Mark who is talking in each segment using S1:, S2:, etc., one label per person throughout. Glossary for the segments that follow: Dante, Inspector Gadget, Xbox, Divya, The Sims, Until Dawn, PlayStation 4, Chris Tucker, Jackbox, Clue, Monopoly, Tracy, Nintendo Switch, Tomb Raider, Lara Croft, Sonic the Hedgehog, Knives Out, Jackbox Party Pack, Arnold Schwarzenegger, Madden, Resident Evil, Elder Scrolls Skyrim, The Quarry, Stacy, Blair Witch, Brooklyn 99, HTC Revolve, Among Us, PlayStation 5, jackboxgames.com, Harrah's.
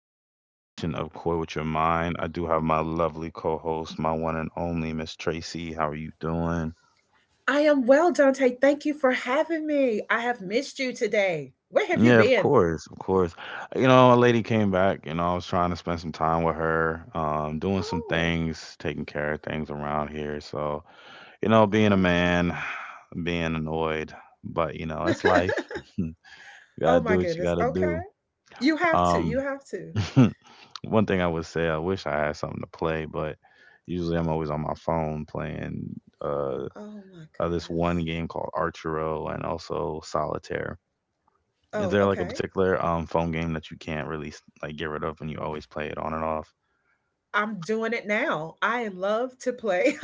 S1: to the rendition of Koi with Your Mind. I do have my lovely co host, my one and only Miss Tracy. How are you doing?
S2: I am well, Dante. Thank you for having me. I have missed you today. Where have you
S1: Yeah, of
S2: been?
S1: course, of course. You know, a lady came back, you know, I was trying to spend some time with her, doing some
S2: Oh,
S1: things, taking care of things around here. So, you know, being a
S2: oh,
S1: man, being annoyed, but you know,
S2: okay.
S1: it's life. You gotta
S2: Oh my
S1: do what you
S2: goodness.
S1: gotta
S2: Okay.
S1: do.
S2: You have to. You
S1: Um
S2: have to.
S1: One thing I would say, I wish I had something to play, but usually I'm always on my phone playing
S2: Oh my
S1: this one
S2: goodness.
S1: game called Archero and also Solitaire. Is
S2: Oh,
S1: there like a
S2: okay.
S1: particular phone game that you can't really like get rid of and you always play it on and off?
S2: I'm doing it now. I love to play.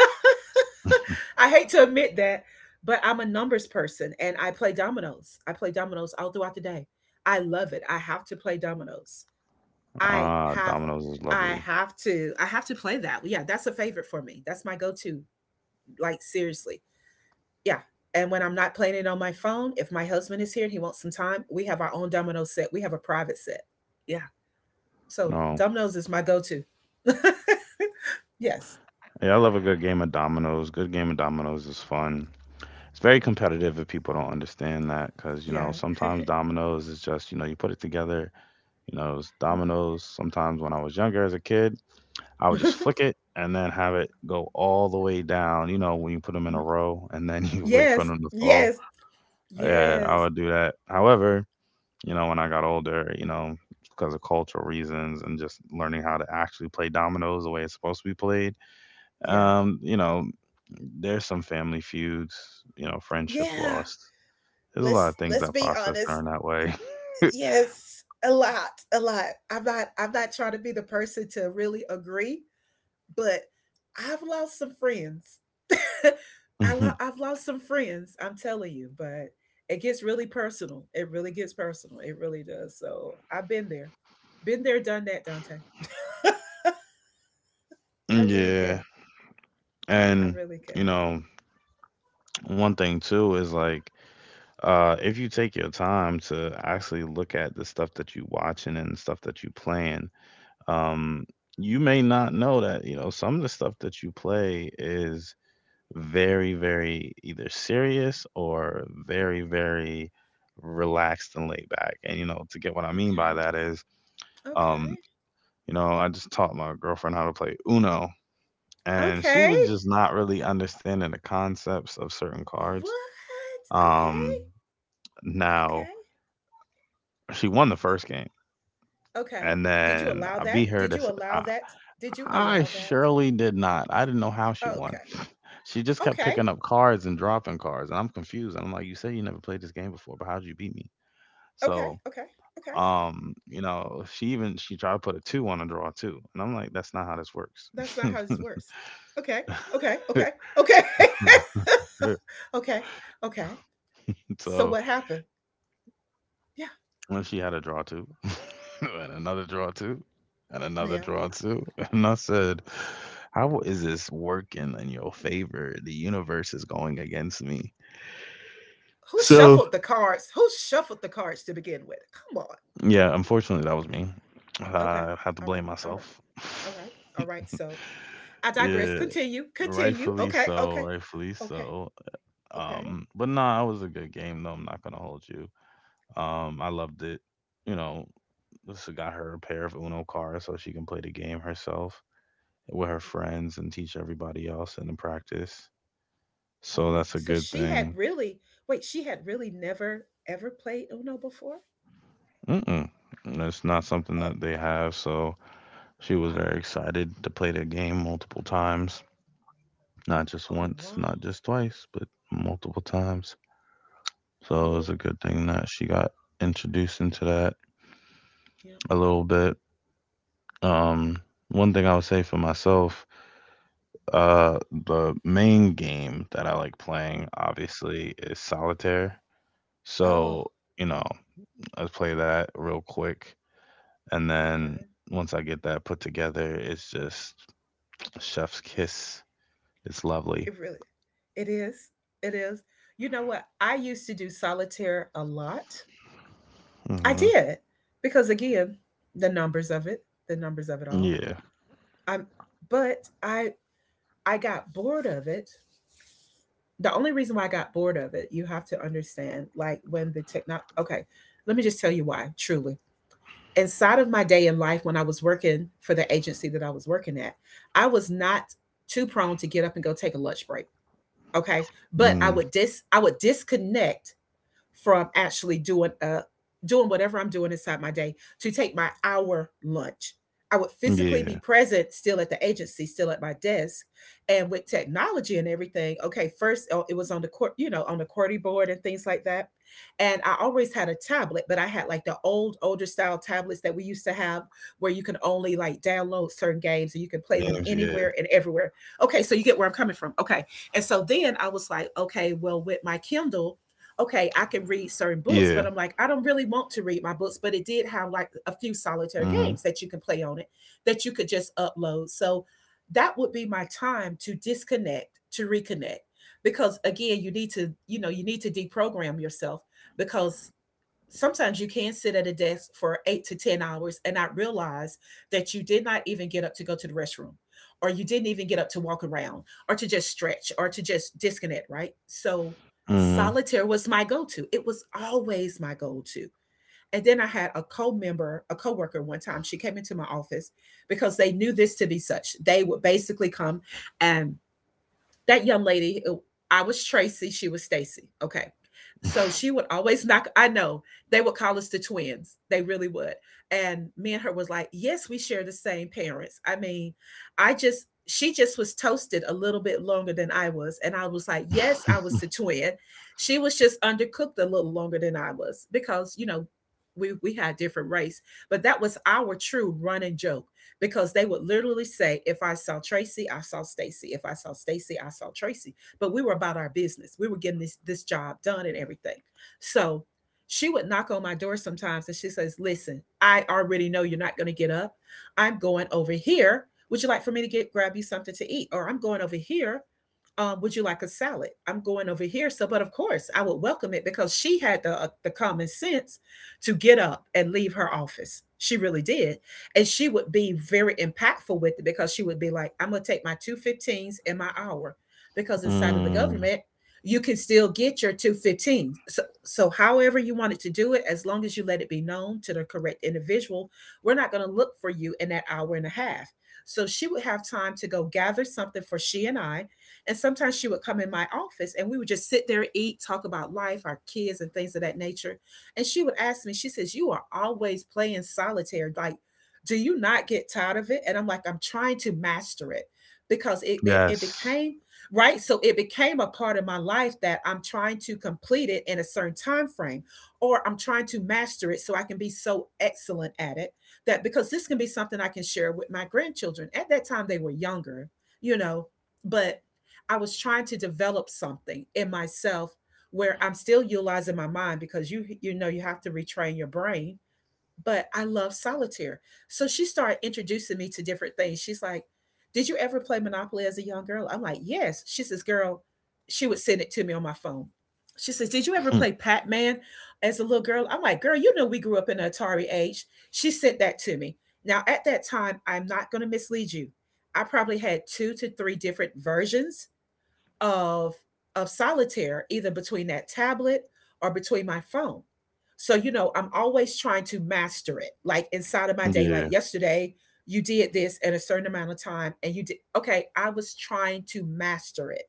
S2: I hate to admit that, but I'm a numbers person and I play dominoes. I play dominoes all throughout the day. I love it. I have to play dominoes. I
S1: Ah,
S2: have
S1: dominoes is
S2: I
S1: lovely.
S2: have to I have to play that. Well, yeah, that's a favorite for me. That's my go-to. Like, seriously. Yeah. And when I'm not playing it on my phone, if my husband is here and he wants some time, we have our own domino set. We have a private set. Yeah. So
S1: No,
S2: dominoes is my go-to. Yes.
S1: yeah, I love a good game of dominoes. Good game of dominoes is fun. It's very competitive if people don't understand that because you
S2: Yeah.
S1: know sometimes dominoes is just you put it together. You know, it's dominoes. Sometimes when I was younger as a kid, I would just
S2: Mhm.
S1: flick it and then have it go all the way down, you know, when you put them in a row and then you wait for
S2: Yes.
S1: them to fall.
S2: Yes.
S1: Yeah, I
S2: Yes.
S1: would do that. However, you know, when I got older, you know, because of cultural reasons and just learning how to actually play dominoes the way it's supposed to be played,
S2: Yeah.
S1: you know, there's some family feuds, you know, friendships
S2: Yeah.
S1: lost. There's a lot of
S2: Let's
S1: things
S2: let's
S1: that
S2: be
S1: process
S2: honest.
S1: during that way.
S2: Yes. A lot. A lot. I'm not trying to be the person to really agree, but I've lost some friends.
S1: Mhm.
S2: I've lost some friends, I'm telling you, but it gets really personal. It really gets personal. It really does. So I've been there. Been there, done that, Dante. I really
S1: Yeah.
S2: can. I
S1: And,
S2: really
S1: you
S2: can.
S1: know, one thing too is like if you take your time to actually look at the stuff that you watching and the stuff that you playing, um, you may not know that, you know, some of the stuff that you play is very, very either serious or very, very relaxed and laid back. And, you know, to get what I mean by
S2: Okay.
S1: that is, um,
S2: Okay.
S1: you know, I just taught my girlfriend how to play Uno, and she
S2: Okay.
S1: was just not really understanding the concepts of certain cards.
S2: What? Okay.
S1: Um, now,
S2: Okay.
S1: she won the first game.
S2: Okay.
S1: And
S2: Did you
S1: then
S2: allow
S1: I beat
S2: that?
S1: her
S2: Did
S1: to.
S2: you allow that? Did you
S1: I
S2: allow that?
S1: surely did not. I didn't know how she won.
S2: Okay.
S1: She just kept
S2: Okay.
S1: picking up cards and dropping cards, and I'm confused. I'm like, you said you never played this game before, but how'd you beat me?
S2: Okay.
S1: So,
S2: Okay. Okay.
S1: you know, she tried to put a two on a draw too, and I'm like, that's not how this works.
S2: That's not how this works. Okay, okay, okay, okay, okay, okay. So
S1: So
S2: what happened? Yeah,
S1: when she had a draw two, and another draw two, and another
S2: yeah.
S1: draw two, and I said, how is this working in your favor? The universe is going against me.
S2: Who
S1: So.
S2: shuffled the cards? Who shuffled the cards to begin with? Come on.
S1: Yeah, unfortunately, that was me.
S2: Okay.
S1: I had to
S2: All
S1: blame
S2: right. All right.
S1: myself.
S2: All right. All right. So I digress.
S1: Yeah,
S2: Continue. Continue.
S1: rightfully
S2: Okay.
S1: so,
S2: Okay.
S1: rightfully
S2: Okay.
S1: so.
S2: Okay.
S1: But nah, it was a good game though. I'm not gonna hold you. I loved it. You know, this got her a pair of Uno cards so she can play the game herself with her friends and teach everybody else in the practice.
S2: Oh
S1: So
S2: my.
S1: that's a
S2: So
S1: good
S2: she had
S1: thing.
S2: really, wait, she had really never ever played Uno before?
S1: Mm-mm. It's not something
S2: Oh,
S1: that they have, so she was very
S2: wow.
S1: excited to play the game multiple times. Not just
S2: Oh,
S1: once,
S2: wow.
S1: not just twice, but multiple times. So it
S2: Oh,
S1: was a good thing that she got introduced into that
S2: yeah.
S1: a little bit. Um, one thing I would say for myself, uh, the main game that I like playing obviously is solitaire.
S2: Oh,
S1: So, you know, I play that real quick. And then
S2: okay.
S1: once I get that put together, it's just chef's kiss. It's lovely.
S2: It really, it is. It is. You know what? I used to do solitaire a lot. I
S1: Hmm.
S2: did because, again, the numbers of it, the numbers of it all.
S1: Yeah.
S2: Um, but I I got bored of it. The only reason why I got bored of it, you have to understand, like when the techno. Okay, let me just tell you why. Truly, inside of my day in life, when I was working for the agency that I was working at, I was not too prone to get up and go take a lunch break. Okay, but
S1: Mm,
S2: I would disconnect from actually doing whatever I'm doing inside my day to take my hour lunch. I would physically
S1: yeah.
S2: be present still at the agency, still at my desk, and with technology and everything. Okay, first, oh, it was on the court, you know, on the QWERTY board and things like that. And I always had a tablet, but I had like the old, older style tablets that we used to have where you can only like download certain games and you can play them
S1: Games, yeah.
S2: anywhere and everywhere. Okay, so you get where I'm coming from. Okay. And so then I was like, okay, well, with my Kindle, okay, I can read certain books,
S1: Yeah.
S2: but I'm like, I don't really want to read my books. But it did have like a few solitary
S1: Mhm.
S2: games that you can play on it that you could just upload. So that would be my time to disconnect, to reconnect. Because, again, you need to, you know, you need to deprogram yourself because sometimes you can sit at a desk for 8 to 10 hours and not realize that you did not even get up to go to the restroom, or you didn't even get up to walk around, or to just stretch, or to just disconnect, right? So
S1: Mhm.
S2: solitaire was my go to. It was always my go to. And then I had a co member, a co worker one time, she came into my office because they knew this to be such. They would basically come, and that young lady, I was Tracy, she was Stacy. Okay, so she would always knock. I know they would call us the twins. They really would. And me and her was like, yes, we share the same parents. I mean, I just she just was toasted a little bit longer than I was. And I was like, yes, I was the twin. She was just undercooked a little longer than I was, because, you know, we had different race. But that was our true running joke, because they would literally say, if I saw Tracy, I saw Stacy. If I saw Stacy, I saw Tracy. But we were about our business. We were getting this job done and everything. So she would knock on my door sometimes and she says, listen, I already know you're not gonna get up. I'm going over here. Would you like for me to get grab you something to eat? Or I'm going over here, would you like a salad? I'm going over here. So, but of course, I would welcome it because she had the common sense to get up and leave her office. She really did. And she would be very impactful with it, because she would be like, I'm going to take my 2:15s and my hour. Because inside of the
S1: Mm.
S2: government, you can still get your 2:15. So however you wanted to do it, as long as you let it be known to the correct individual, we're not going to look for you in that hour and a half. So she would have time to go gather something for she and I. And sometimes she would come in my office and we would just sit there, eat, talk about life, our kids, and things of that nature. And she would ask me, she says, you are always playing solitaire. Like, do you not get tired of it? And I'm like, I'm trying to master it. Because it
S1: Yes.
S2: became, right? So it became a part of my life, that I'm trying to complete it in a certain time frame, or I'm trying to master it so I can be so excellent at it, that because this can be something I can share with my grandchildren. At that time, they were younger, you know. But I was trying to develop something in myself where I'm still utilizing my mind, because you know, you have to retrain your brain. But I love solitaire. So she started introducing me to different things. She's like, did you ever play Monopoly as a young girl? I'm like, yes. She says, girl, she would send it to me on my phone. She says, did you ever
S1: Hmm,
S2: play Pac Man as a little girl? I'm like, girl, you know, we grew up in the Atari age. She sent that to me. Now, at that time, I'm not going to mislead you. I probably had two to three different versions of of solitaire, either between that tablet or between my phone. So, you know, I'm always trying to master it, like inside of my day, like
S1: yeah.
S2: yesterday you did this at a certain amount of time and you did, okay, I was trying to master it.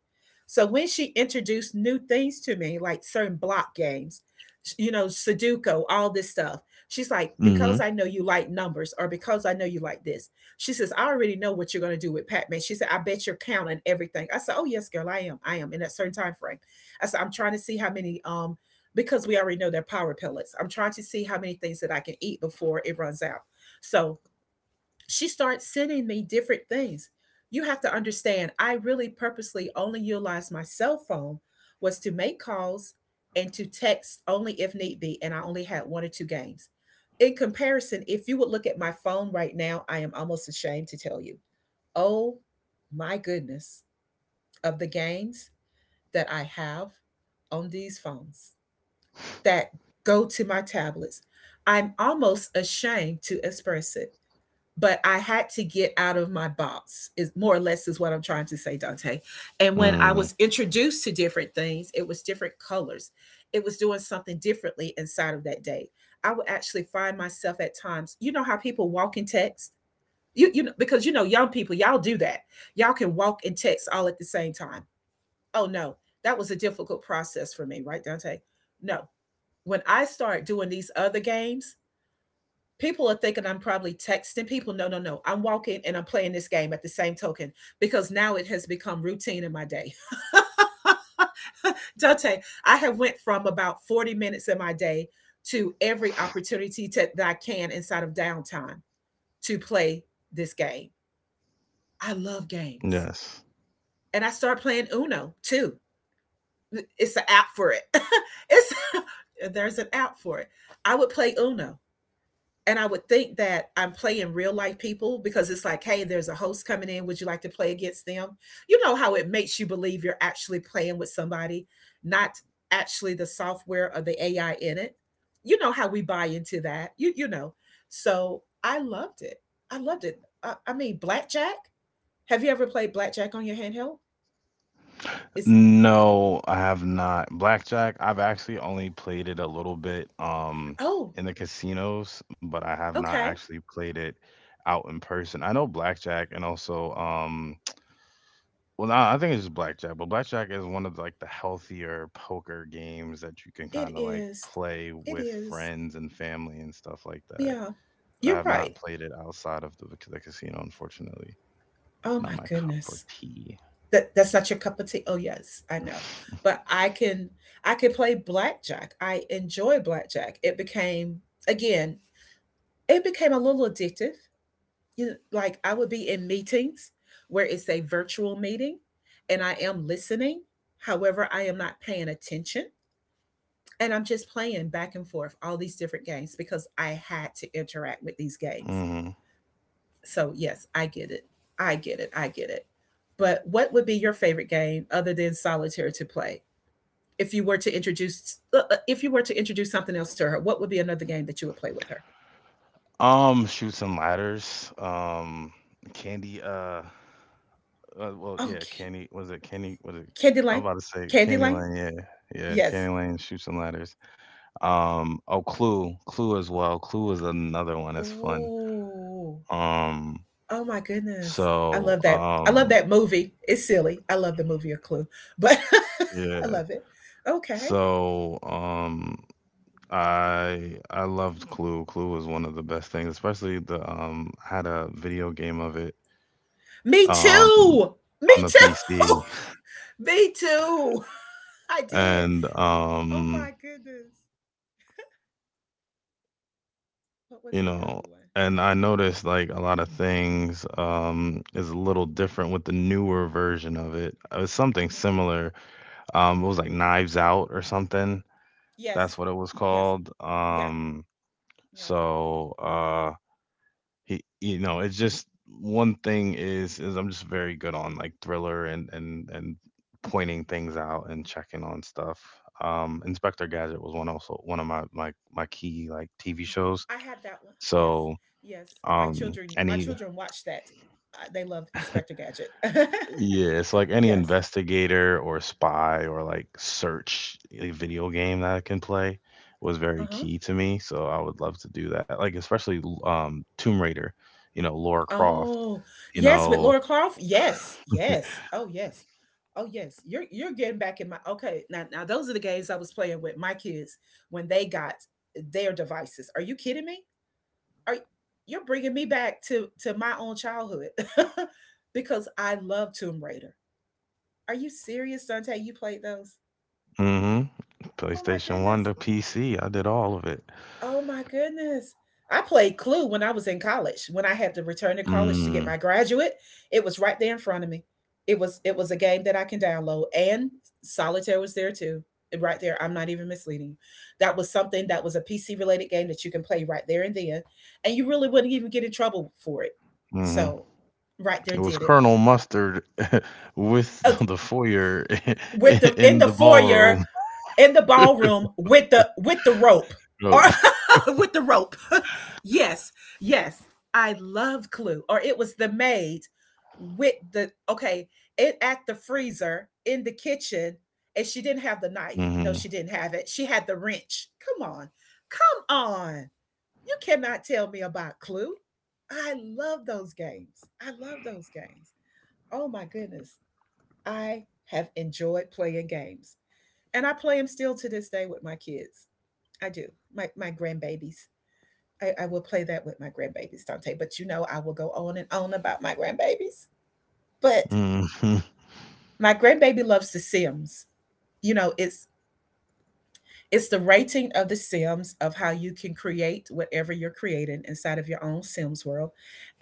S2: So when she introduced new things to me, like certain block games, you know, sudoku, all this stuff, she's like, because
S1: Mhm.
S2: I know you like numbers, or because I know you like this, she says, I already know what you're going to do with Pac Man. She said, I bet you're counting everything. I said, oh, yes, girl, I am. I am, in that certain time frame. I said, I'm trying to see how many, because we already know they're power pellets. I'm trying to see how many things that I can eat before it runs out. So she starts sending me different things. You have to understand, I really purposely only utilized my cell phone was to make calls and to text only if need be, and I only had one or two games. In comparison, if you would look at my phone right now, I am almost ashamed to tell you. Oh my goodness, of the games that I have on these phones that go to my tablets, I'm almost ashamed to express it, but I had to get out of my box, is more or less is what I'm trying to say, Dante. And when I
S1: Mm.
S2: was introduced to different things, it was different colors. It was doing something differently inside of that day. I would actually find myself at times, you know how people walk and text? You know, because young people, y'all do that. Y'all can walk and text all at the same time. Oh no, that was a difficult process for me, right, Dante? No. When I start doing these other games, people are thinking I'm probably texting people. No, no, no. I'm walking and I'm playing this game at the same token because now it has become routine in my day. Dante, I have went from about 40 minutes in my day to every opportunity to, that I can inside of downtime to play this game. I love games.
S1: Yes.
S2: And I start playing Uno too. It's an app for it. it's there's an app for it. I would play Uno and I would think that I'm playing real life people because it's like, hey, there's a host coming in. Would you like to play against them? You know how it makes you believe you're actually playing with somebody, not actually the software or the AI in it. You know how we buy into that. So I loved it. I loved it. I mean, blackjack. Have you ever played blackjack on your handheld? It's
S1: No, I have not. Blackjack, I've actually only played it a little bit
S2: oh,
S1: in the casinos, but I have not
S2: okay.
S1: actually played it out in person. I know blackjack and also well, nah, I think it's just blackjack, but blackjack is one of like the healthier poker games that you can
S2: It
S1: kind of like
S2: is.
S1: play
S2: It
S1: with
S2: is.
S1: friends and family and stuff like that.
S2: Yeah,
S1: But I
S2: you're
S1: have
S2: right.
S1: not played it outside of the casino, unfortunately.
S2: Oh
S1: Not
S2: my
S1: my cup for
S2: goodness.
S1: tea.
S2: That's not your cup of tea. Oh yes, I know. But I can play blackjack. I enjoy blackjack. It became again, it became a little addictive. You know, like I would be in meetings where it's a virtual meeting and I am listening. However, I am not paying attention and I'm just playing back and forth all these different games because I had to interact with these games.
S1: Mhm.
S2: So yes, I get it. I get it. I get it. But what would be your favorite game other than solitaire to play? If you were to introduce if you were to introduce something else to her, what would be another game that you would play with her?
S1: Shoots and ladders. Candy. Well,
S2: Oh,
S1: yeah, Candy. Was it Candy? Was it?
S2: candy
S1: I'm
S2: lane,
S1: about to say
S2: candy
S1: Candy
S2: lane.
S1: Lane. Yeah, yeah,
S2: Yes.
S1: Candy Lane shoots and ladders. Oh, Clue, Clue as well. Clue is another one. It's fun.
S2: Oh,
S1: Um,
S2: oh my goodness. I
S1: so,
S2: love that. I love that movie. It's silly. I love the movie A Clue, but I
S1: yeah.
S2: love it. Okay.
S1: So, I loved Clue. Clue was one of the best things, especially the I had a video game of it
S2: Me
S1: um
S2: too. Me
S1: on the
S2: too.
S1: PC
S2: Me too. I did.
S1: and
S2: Oh my goodness. What
S1: you
S2: was the
S1: know
S2: other one?
S1: and I noticed like a lot of things is a little different with the newer version of it. It was something
S2: Yeah.
S1: similar. It was like Knives Out or something. That's
S2: Yes.
S1: what it was
S2: Yes.
S1: called.
S2: Yeah. Yeah.
S1: So uh He you know, it's just one thing is I'm just very good on like thriller and pointing things out and checking on stuff. Inspector
S2: Oh.
S1: Gadget was one also one of my key like TV shows.
S2: I had that one. Yes,
S1: So
S2: yes. My
S1: any
S2: children watched that. They loved Inspector Gadget.
S1: yeah it's like any
S2: yes.
S1: investigator or spy or like search a video game that I can play was
S2: Uh
S1: very
S2: huh.
S1: key to me so I would love to do that like especially tomb raider you know laura croft
S2: Oh,
S1: you
S2: yes. With
S1: know
S2: Laura Croft. Yes, yes. Oh, yes. Oh, yes. You're getting back in my okay. Now, now those are the games I was playing with my kids when they got their devices. Are you kidding me? Are you're bringing me back to my own childhood because I love Tomb Raider. Are you serious, Dante? You played those?
S1: Mhm.
S2: Oh my
S1: PlayStation 1
S2: goodness.
S1: to PC, I did all of it.
S2: Oh my goodness. I played Clue when I was in college. When I had to return to college to get
S1: Mm,
S2: my graduate, it was right there in front of me. It was a game that I can download and Solitaire was there too. Right there, I'm not even misleading you. That was something that was a PC related game that you can play right there and then, and you really wouldn't even get in trouble for it.
S1: mhm.
S2: So, right
S1: It
S2: there
S1: was
S2: did it.
S1: Colonel Mustard with the foyer
S2: With the in
S1: in
S2: the
S1: the
S2: foyer
S1: ballroom.
S2: in the ballroom with the rope or
S1: Nope.
S2: with the rope. yes, yes, I love Clue. Or it was the maid with the okay it at the freezer in the kitchen, and she didn't have the knife. No, she
S1: Mhm.
S2: didn't have it. She had the wrench. Come on, come on! You cannot tell me about Clue. I love those games. I love those games. Oh my goodness, I have enjoyed playing games and I play them still to this day with my kids. I do. My grandbabies. I will play that with my grandbabies, Dante. But you know, I will go on and on about my grandbabies. But
S1: Mhm.
S2: my grandbaby loves The Sims. You know, it's the rating of The Sims of how you can create whatever you're creating inside of your own Sims world.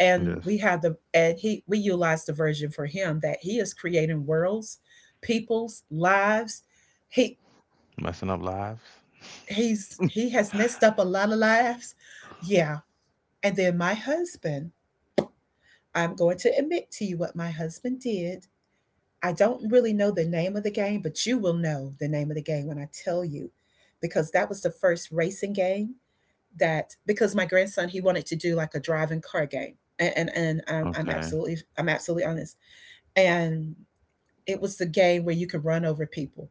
S2: And
S1: Yes.
S2: we have the and he we utilize the version for him that he is creating worlds, people's lives. He
S1: Messing up lives?
S2: he's he has messed up a lot of lives yeah. And then my husband, I'm going to admit to you what my husband did. I don't really know the name of the game, but you will know the name of the game when I tell you, because that was the first racing game that, because my grandson, he wanted to do like a driving car game. And I'm
S1: Okay.
S2: absolutely, I'm absolutely honest. And it was the game where you could run over people.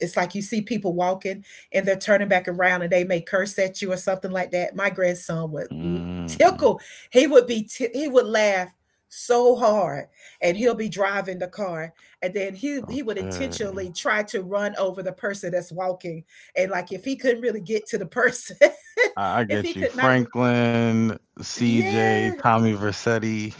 S2: It's like you see people walking and they're turning back around and they may curse at you or something like that. My grandson would l-
S1: Mm,
S2: tickle. He would be ti- he would laugh so hard and he'll be driving the car and then he would
S1: okay.
S2: intentionally try to run over the person that's walking and like if he couldn't really get to the person
S1: I
S2: if he
S1: get you.
S2: could not re-
S1: Franklin, CJ,
S2: yeah.
S1: Tommy Versetti.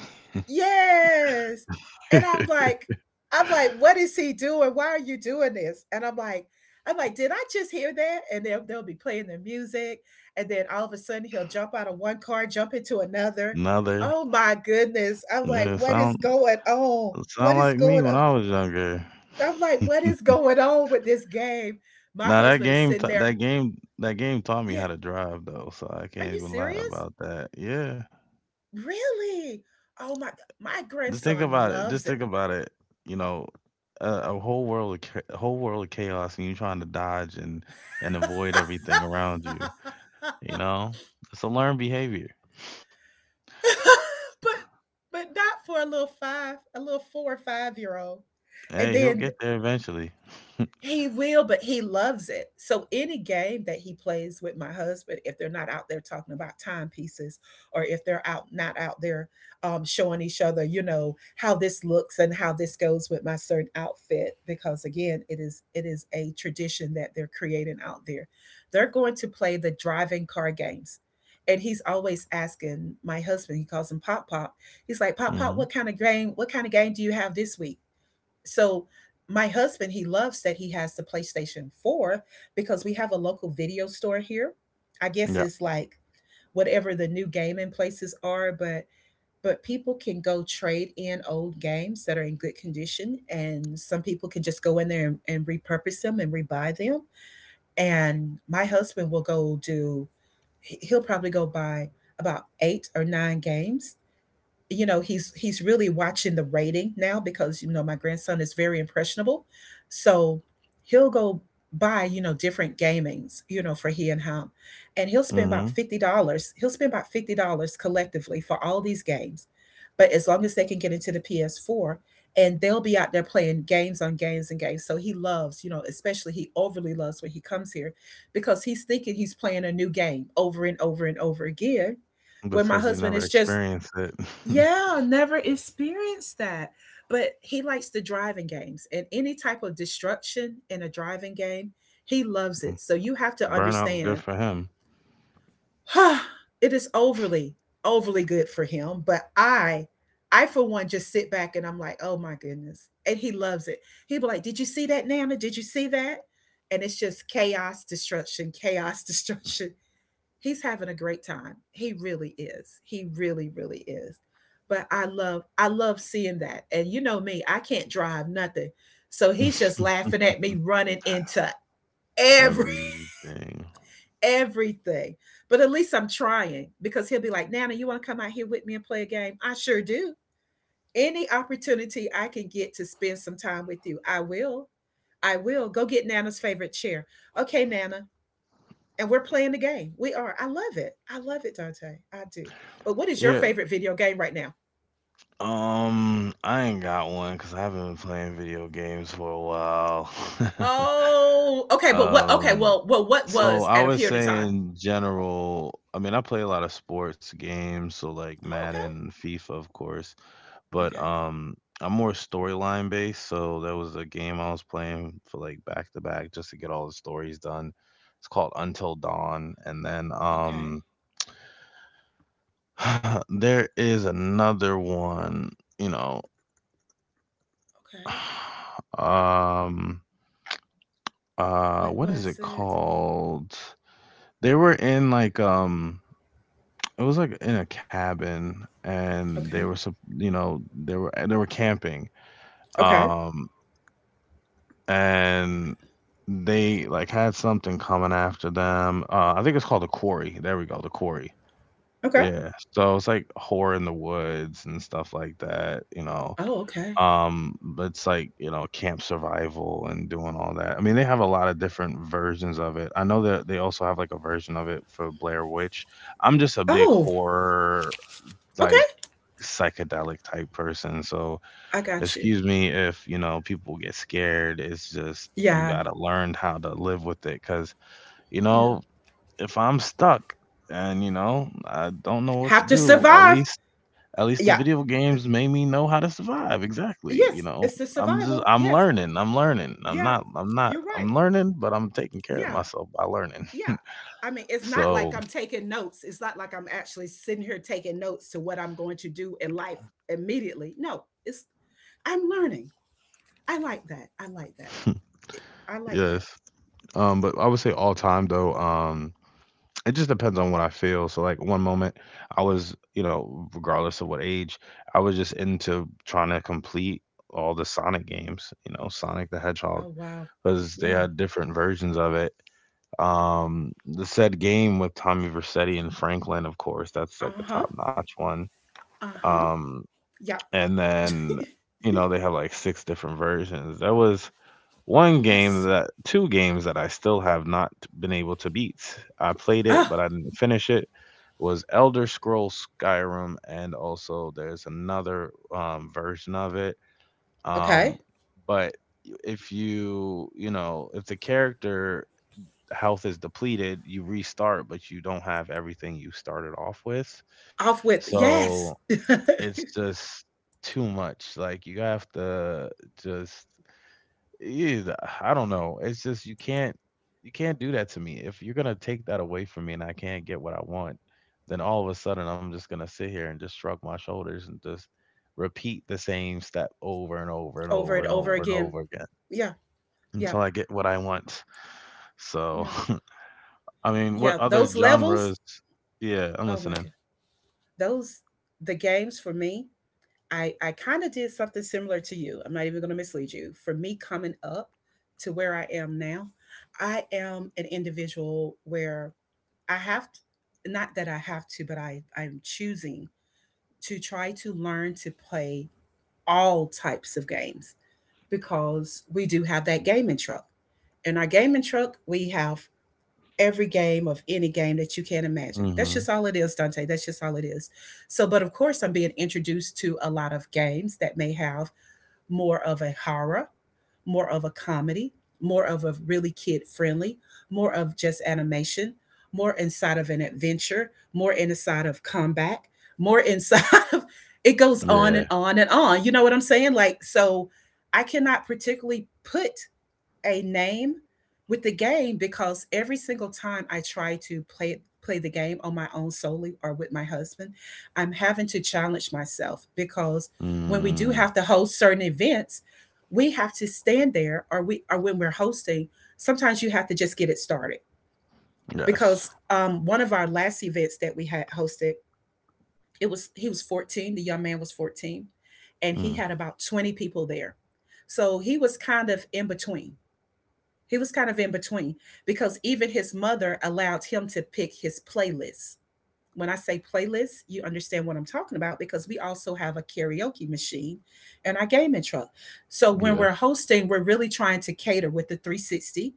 S2: Yes. And I'm like, what is he doing? Why are you doing this? And I'm like, did I just hear that? And they'll be playing the music. And then all of a sudden he'll jump out of one car, jump into another.
S1: Another.
S2: Oh my goodness. I'm like,
S1: Yeah,
S2: what is
S1: sound
S2: going on? What
S1: sound
S2: is
S1: like me
S2: going
S1: when
S2: on?
S1: I was younger.
S2: I'm like, what is going on with this game? My
S1: Now that
S2: husband is
S1: game,
S2: sitting there.
S1: that game taught me
S2: Yeah.
S1: how to drive though, so I
S2: Are
S1: can't
S2: you
S1: even lie
S2: serious?
S1: about that. Yeah,
S2: Really? Oh my, my
S1: just think
S2: grandson
S1: about it. Just
S2: loves it.
S1: think about it. You know, a, a whole world, of a whole world of chaos, and you trying to dodge and avoid everything around you. You know, it's a learned behavior.
S2: but but not for a little five, a little 4 or 5 year old. And
S1: Hey, he'll
S2: then
S1: get there eventually.
S2: he will, but he loves it. So any game that he plays with my husband, if they're not out there talking about timepieces, or if they're out not out there showing each other, you know, how this looks and how this goes with my certain outfit, because again, it is a tradition that they're creating out there. They're going to play the driving car games. And he's always asking my husband, he calls him Pop Pop. He's like, Pop Pop,
S1: Hmm.
S2: what kind of game, what kind of game do you have this week? So my husband, he loves that he has the PlayStation 4 because we have a local video store here. I guess
S1: Yeah.
S2: it's like whatever the new gaming places are, but people can go trade in old games that are in good condition and some people can just go in there and repurpose them and rebuy them. And my husband will go do he- he'll probably go buy about eight or nine games. You know he's really watching the rating now because you know my grandson is very impressionable, so he'll go buy you know different gamings you know for he and him, and he'll spend about
S1: Hmm.
S2: $50, he'll spend about $50 collectively for all these games, but as long as they can get into the PS4, and they'll be out there playing games on games and games, so he loves you know especially he overly loves when he comes here because he's thinking he's playing a new game over and over and over again when my
S1: Because he
S2: husband
S1: never
S2: is just
S1: experienced it.
S2: yeah, never experienced that. But he likes the driving games and any type of destruction in a driving game, he loves it. So you have to
S1: Burnout's
S2: understand,
S1: good for him.
S2: it is overly, overly good for him. But I for one, just sit back and I'm like, oh my goodness. And he loves it. He'll be like, did you see that, Nana? Did you see that? And it's just chaos, destruction, chaos, destruction he's having a great time. He really is. He really, really is. But I love seeing that. And you know me, I can't drive nothing. So he's just laughing at me running into every
S1: Everything.
S2: everything. But at least I'm trying because he'll be like, Nana, you want to come out here with me and play a game? I sure do. Any opportunity I can get to spend some time with you, I will. I will. Go get Nana's favorite chair. Okay, Nana, and we're playing the game. We are. I love it. I love it, Dante. I do. But what is your
S1: Yeah,
S2: favorite video game right now?
S1: I ain't got one because I haven't been playing video games for a while.
S2: Oh, okay. But what? Okay.
S1: um,
S2: Well, well, what
S1: so
S2: was
S1: I
S2: at a
S1: would
S2: period of
S1: say
S2: time?
S1: in general, I mean, I play a lot of sports games, so like
S2: Oh,
S1: Madden, FIFA, of course, but
S2: okay. Okay.
S1: I'm more storyline based. So there was a game I was playing for like back to back just to get all the stories done. It's called Until Dawn, and then
S2: Okay.
S1: there is another one. You know,
S2: Okay.
S1: Um,
S2: What
S1: what is
S2: was
S1: it
S2: it?
S1: called? They were in like, it was like in a cabin and
S2: Okay.
S1: you know, they were camping.
S2: Okay.
S1: Um, and they like had something coming after them. I think it's called the quarry. There we go. The quarry.
S2: Okay.
S1: Yeah. So it's like horror in the woods and stuff like that, you know.
S2: Oh, okay.
S1: But it's like, you know, camp survival and doing all that. I mean, they have a lot of different versions of it. I know that they also have like a version of it for Blair Witch. I'm just a big
S2: Oh,
S1: horror, like
S2: okay.
S1: psychedelic type person. So,
S2: I got you.
S1: excuse me if, you know, people get scared. It's just you
S2: Yeah.
S1: got to learn how to live with it cuz, you
S2: Yeah.
S1: know, if I'm stuck and, you know, I don't know what to
S2: Have to
S1: do, at
S2: survive.
S1: least the
S2: Yeah.
S1: video games made me know how to survive. Exactly. You
S2: Yes.
S1: know,
S2: It's the
S1: I'm just
S2: survival.
S1: I'm
S2: Yes.
S1: learning. I'm learning. I'm
S2: Yeah.
S1: not I'm not
S2: You're right.
S1: I'm learning, but I'm taking care of
S2: Yeah.
S1: myself by learning.
S2: Yeah. I mean, it's not like
S1: So,
S2: I'm taking notes. It's not like I'm actually sitting here taking notes to what I'm going to do in life immediately. No, it's I'm learning. I like that. I like that. I like that.
S1: yes. But I would say all time though, it just depends on what I feel. So like one moment I was, you know, regardless of what age, I was just into trying to complete all the Sonic games, you know, Sonic the Hedgehog,
S2: Oh wow.
S1: because they
S2: Yeah.
S1: had different versions of it. The said game with Tommy Vercetti and Franklin, of course, that's like a
S2: Uh-huh.
S1: top notch one.
S2: Uh-huh.
S1: Um,
S2: Yep.
S1: and then you know they have like 6 different versions. There was one game
S2: Yes.
S1: that two games that I still have not been able to beat. I played it,
S2: Ah,
S1: but I didn't finish it. Was Elder Scrolls Skyrim, and also there's another version of it.
S2: okay.
S1: Um, but if you you know if the character health is depleted, you restart, but you don't have everything you started off with.
S2: Off with yes.
S1: So it's just too much. Like you have to just eh, I don't know. It's just you can't do that to me. If you're gonna take that away from me and I can't get what I want, then all of a sudden I'm just gonna sit here and just shrug my shoulders and just repeat the same step over and over and
S2: over
S1: over
S2: and
S1: and
S2: over
S1: over and
S2: again.
S1: over again
S2: Yeah. Yeah.
S1: until I get what I want. So
S2: Yeah.
S1: I mean, what
S2: Yeah.
S1: other
S2: Those levels.
S1: genres? Yeah, I'm
S2: Oh my
S1: listening.
S2: god. Those the games for me I kind of did something similar to you. I'm not even going to mislead you. For me coming up to where I am now, I am an individual where not that I have to, but I'm choosing to try to learn to play all types of games because we do have that gaming truck. In our gaming truck, we have every game of any game that you can imagine. That's
S1: Hmm
S2: just all it is, Dante. That's just all it is. So, but of course, I'm being introduced to a lot of games that may have more of a horror, more of a comedy, more of a really kid friendly, more of just animation, more inside of an adventure, more inside of combat, more inside of it goes on
S1: Yeah.
S2: and on and on. You know what I'm saying? Like, so I cannot particularly put a name with the game because every single time I try to play the game on my own solely or with my husband, I'm having to challenge myself because when we do
S1: Mm,
S2: have to host certain events, we have to stand there or when we're hosting, sometimes you have to just get it started
S1: yes.
S2: because one of our last events that we had hosted, it was he was 14, the young man was 14 and he
S1: Mm,
S2: had about 20 people there. So he was kind of in between. He was kind of in between because even his mother allowed him to pick his playlist. When I say playlist, you understand what I'm talking about because we also have a karaoke machine and our gaming truck. So when we're
S1: yes.
S2: hosting, we're really trying to cater with the 360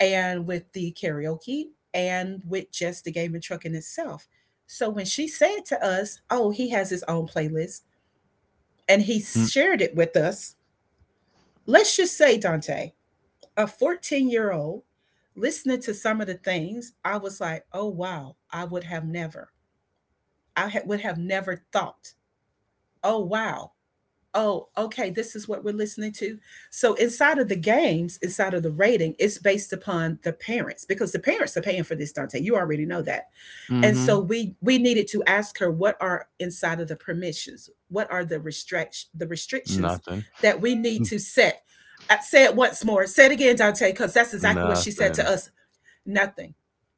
S2: and with the karaoke and with just the gaming truck in itself. So when she said to us, oh, he has his own playlist and he
S1: Mm,
S2: shared it with us, let's just say, Dante, a 14-year-old listening to some of the things. I was like, oh wow, I would have never, would have never thought. Oh wow. Oh okay, this is what we're listening to. So inside of the games, inside of the rating, it's based upon the parents because the parents are paying for this, Dante, you already know that.
S1: hmm
S2: And so
S1: mm-hmm.
S2: we needed to ask her, what are inside of the permissions, what are the restrict the restrictions
S1: Nothing.
S2: that we need to set. Say it once more, say it again, Dante, because that's exactly what she said to
S1: Nothing.
S2: us. Nothing.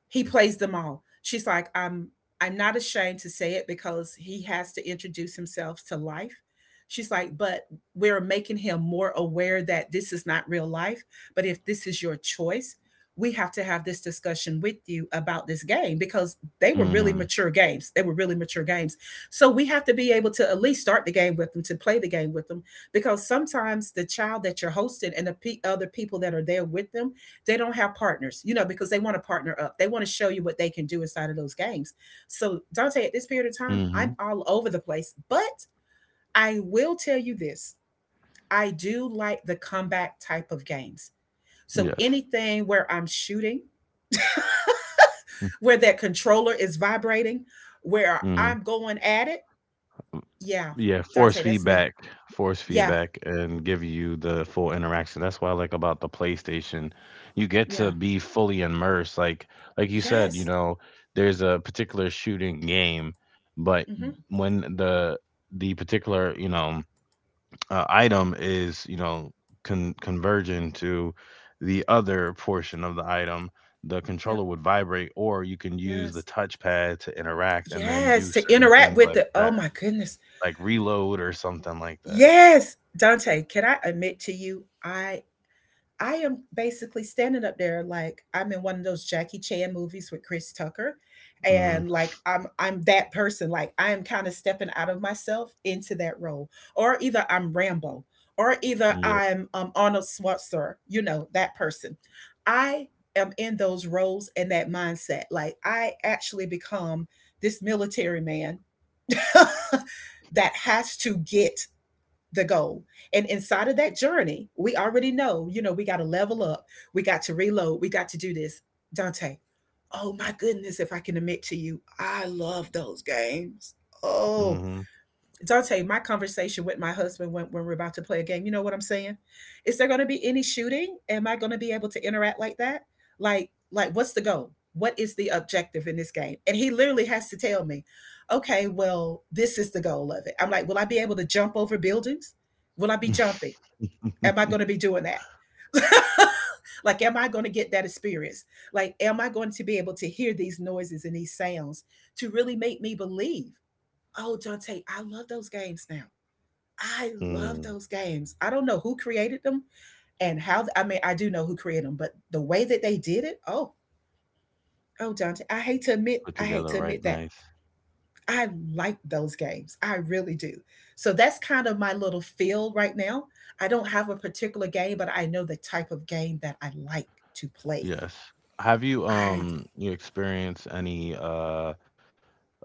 S2: He plays them all. She's like, I'm not ashamed to say it because he has to introduce himself to life. She's like, but we're making him more aware that this is not real life. But if this is your choice, we have to have this discussion with you about this game because they were really
S1: Hmm
S2: mature games. They were really mature games. So we have to be able to at least start the game with them, to play the game with them, because sometimes the child that you're hosting and the other people that are there with them, they don't have partners, you know, because they want to partner up. They want to show you what they can do inside of those games. So, Dante, at this period of time,
S1: hmm
S2: I'm all over the place, but I will tell you this. I do like the comeback type of games. So,
S1: Yes.
S2: anything where I'm shooting, where that controller is vibrating, where I'm
S1: Mhm.
S2: going at it, yeah,
S1: Yeah,
S2: Dante, that's me.
S1: force
S2: Yeah,
S1: feedback, and give you the full interaction. That's what I like about the PlayStation. You get to
S2: yeah,
S1: be fully immersed. Like you said,
S2: yes.
S1: there's a particular shooting game, but
S2: Mm-hmm.
S1: when the particular item is converging to the other portion of the item, the
S2: Yeah,
S1: controller would vibrate, or you can use
S2: yes,
S1: the touchpad to interact and then
S2: yes.
S1: do
S2: To
S1: certain
S2: interact
S1: things
S2: with
S1: like
S2: the, oh
S1: that.
S2: my goodness.
S1: Like Reload or something like that.
S2: Yes, Dante, can I admit to you, I am basically standing up there like I'm in one of those Jackie Chan movies with Chris Tucker, and
S1: Mhm,
S2: like I'm that person. Like I am kind of stepping out of myself into that role, or either I'm Rambo, or either
S1: yeah,
S2: I'm Arnold Schwarzenegger. You know that person. I am in those roles and that mindset. Like I actually become this military man that has to get the goal. And inside of that journey, we already know, you know, we got to level up. We got to reload. We got to do this. Dante, oh my goodness, if I can admit to you, I love those games. Oh,
S1: mhm.
S2: Dante, my conversation with my husband, when we're about to play a game, you know what I'm saying? Is there going to be any shooting? Am I going to be able to interact like that? Like what's the goal? What is the objective in this game? And he literally has to tell me, okay, well, this is the goal of it. I'm like, will I be able to jump over buildings? Will I be jumping? Am I going to be doing that? Like, am I going to get that experience? Like, am I going to be able to hear these noises and these sounds to really make me believe. Oh, Dante, I love those games now. I love
S1: Mm,
S2: those games. I don't know who created them and how. I mean, I do know who created them, but the way that they did it, oh, oh, Dante, I hate to admit,
S1: put
S2: I hate
S1: together
S2: to admit
S1: right
S2: that
S1: nice.
S2: I like those games. I really do. So that's kind of my little feel right now. I don't have a particular game, but I know the type of game that I like to play.
S1: Yes. Have you,
S2: I
S1: you experienced any, uh,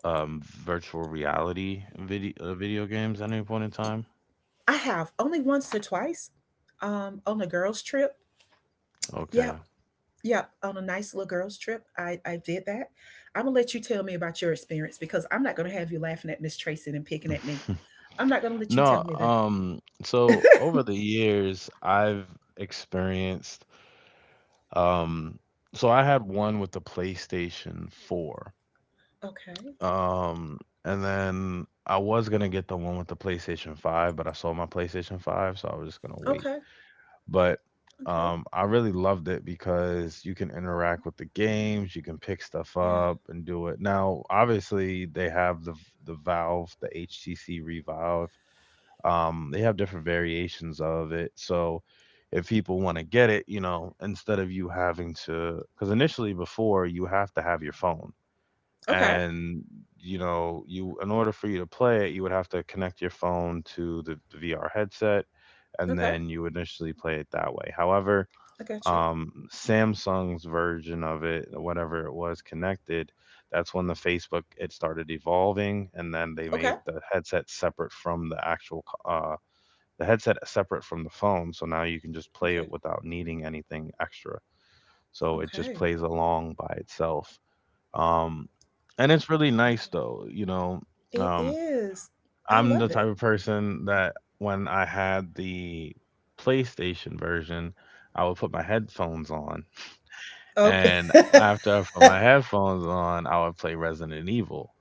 S1: um, virtual reality video video games at any point in time?
S2: I have only once or twice, on a girls' trip. Yeah.
S1: Okay.
S2: Yep, on a nice little girls trip, I did that. I'm gonna let you tell me about your experience because I'm not gonna have you laughing at Miss Tracy and picking at me. I'm not gonna let you
S1: No,
S2: tell me that.
S1: so over the years, I've experienced, um so I had one with the PlayStation 4.
S2: Okay.
S1: Um, and then I was gonna get the one with the PlayStation 5, but I sold my PlayStation 5, so I was just gonna wait.
S2: Okay.
S1: But
S2: Okay.
S1: I really loved it because you can interact with the games, you can pick stuff
S2: Yeah.
S1: up and do it. Now, obviously, they have the Valve, the HTC Revolve. They have different variations of it, so if people want to get it, you know, instead of you having to, because initially before you have to have your phone
S2: Okay.
S1: and you know you in order for you to play it you would have to connect your phone to the VR headset and
S2: Okay.
S1: then you would initially play it that way. However,
S2: I got you.
S1: Samsung's version of it, whatever it was connected, that's when the Facebook it started evolving, and then they
S2: Okay.
S1: made the headset separate from the actual the headset separate from the phone, so now you can just play it
S2: Okay.
S1: without needing anything extra. So it just
S2: Okay.
S1: plays along by itself. um, and it's really nice
S2: Wow.
S1: though, you know.
S2: It
S1: Um,
S2: is. I
S1: I'm the
S2: love
S1: type
S2: it.
S1: of person that when I had the PlayStation version, I would put my headphones on,
S2: Okay.
S1: and after I put my headphones on, I would play Resident Evil.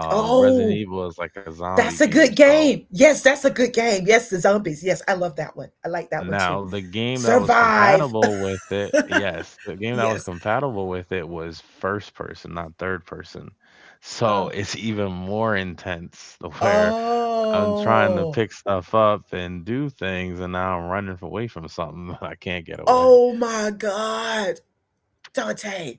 S1: Resident
S2: Oh,
S1: Evil is like a zombie
S2: that's a
S1: game.
S2: good
S1: So
S2: game. Yes, that's a good game. Yes, the zombies. Yes, I love that one. I like that one
S1: now
S2: too.
S1: the game that was
S2: Survive.
S1: compatible with it, yes, the game that was
S2: Yes.
S1: compatible with it was first person, not third person. So
S2: Oh.
S1: it's even more intense where I'm trying to
S2: Oh.
S1: pick stuff up and do things, and now I'm running away from something that I can't get away.
S2: Oh my God. Dante,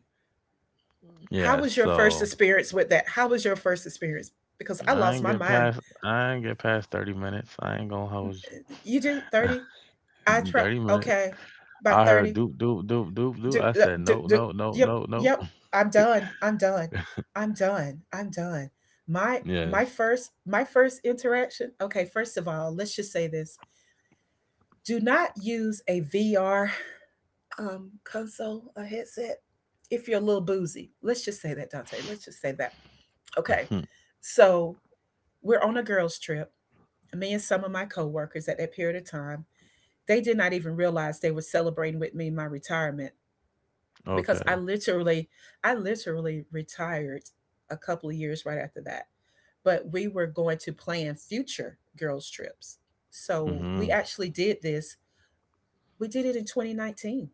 S2: how
S1: Yeah,
S2: was your first
S1: so
S2: experience with that? How was your first experience? Because I lost my mind.
S1: I ain't get past 30 minutes. I ain't gonna hold
S2: You do 30? I
S1: you.
S2: try.
S1: 30 minutes.
S2: Okay. By
S1: I heard
S2: 30.
S1: doop, doop, doop, doop, doop.
S2: Do,
S1: I said,
S2: do,
S1: no
S2: do,
S1: no, no,
S2: yep.
S1: no, no."
S2: Yep. I'm done. I'm done. I'm done. I'm done. My my
S1: Yes.
S2: first my first interaction. Okay, first of all, let's just say this. Do not use a VR, console, a headset, if you're a little boozy. Let's just say that, Dante. Let's just say that. Okay.
S1: Mhm.
S2: So we're on a girls' trip. Me and some of my coworkers at that period of time, they did not even realize they were celebrating with me my retirement because I
S1: Okay.
S2: literally, I literally retired a couple of years right after that. But we were going to plan future girls' trips. So we
S1: Mhm.
S2: actually did this. We did it in 2019.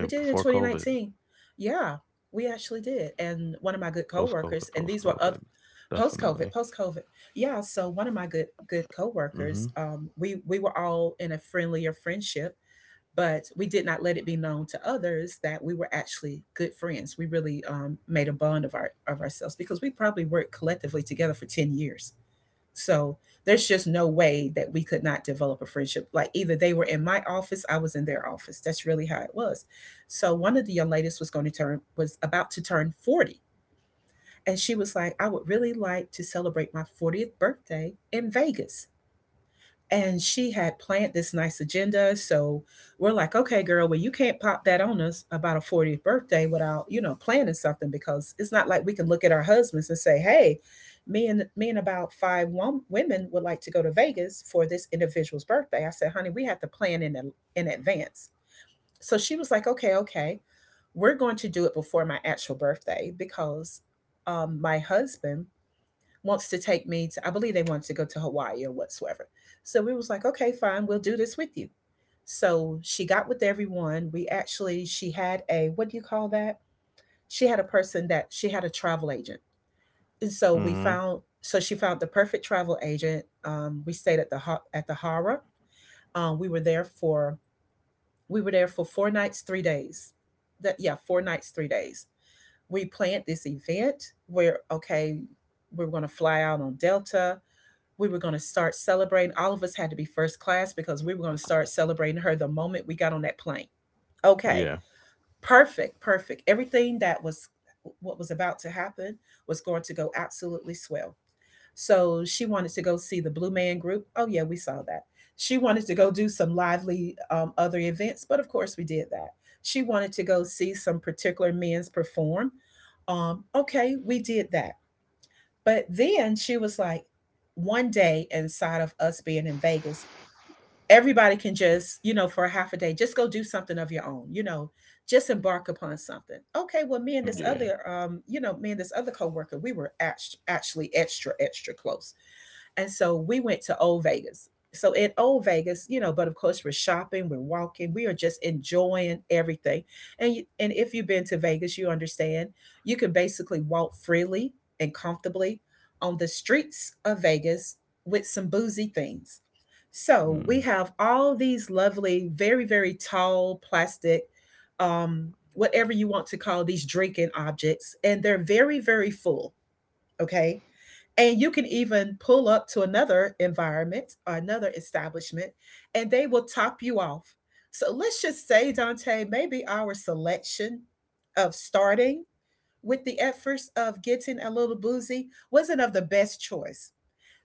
S2: We did it in
S1: Before COVID,
S2: 2019. Yeah, we actually did. And one of
S1: post
S2: my good
S1: COVID, post
S2: coworkers, and
S1: COVID.
S2: these were of
S1: Definitely.
S2: post COVID, post COVID. Yeah, so one of my good
S1: Mhm.
S2: coworkers, we were all in a friendlier friendship, but we did not let it be known to others that we were actually good friends. We really, made a bond of ourselves because we probably worked collectively together for 10 years. So there's just no way that we could not develop a friendship. Like either they were in my office, I was in their office. That's really how it was. So one of the young ladies was about to turn 40. And she was like, I would really like to celebrate my 40th birthday in Vegas. And she had planned this nice agenda. So we're like, okay, girl, well, you can't pop that on us about a 40th birthday without, you know, planning something because it's not like we can look at our husbands and say, hey, me and about five women would like to go to Vegas for this individual's birthday. I said, honey, we have to plan in advance. So she was like, okay, okay, we're going to do it before my actual birthday because, my husband wants to take me to, I believe they wanted to go to Hawaii or whatsoever. So we was like, okay, fine, we'll do this with you. So she got with everyone. We actually, she had a, what do you call that, she had a person that she had a travel agent. And so we
S1: Mhm.
S2: found so she found the perfect travel agent. We stayed at the Hara. We were there for we were there for 4 nights 3 days. That, yeah, 4 nights 3 days. We planned this event where, okay, we're going to fly out on Delta. We were going to start celebrating. All of us had to be first class because we were going to start celebrating her the moment we got on that plane. Okay,
S1: Yeah.
S2: perfect, perfect. Everything that was, what was about to happen, was going to go absolutely swell. So she wanted to go see the Blue Man Group. Oh yeah, we saw that. She wanted to go do some lively other events, but of course we did that. She wanted to go see some particular men's perform. Okay, we did that. But then she was like, one day inside of us being in Vegas, everybody can just, you know, for a half a day, just go do something of your own, just embark upon something. Okay, well, me and this
S1: Yeah.
S2: other, me and this other coworker, we were actually extra, extra close. And so we went to Old Vegas. So at Old Vegas, you know, but of course we're shopping, we're walking, we are just enjoying everything. And if you've been to Vegas, you understand you can basically walk freely and comfortably on the streets of Vegas with some boozy things. So we
S1: Mm.
S2: have all these lovely, very very tall plastic, whatever you want to call these drinking objects, and they're very very full. Okay, and you can even pull up to another environment or another establishment, and they will top you off. So let's just say, Dante, maybe our selection of starting with the efforts of getting a little boozy wasn't of the best choice.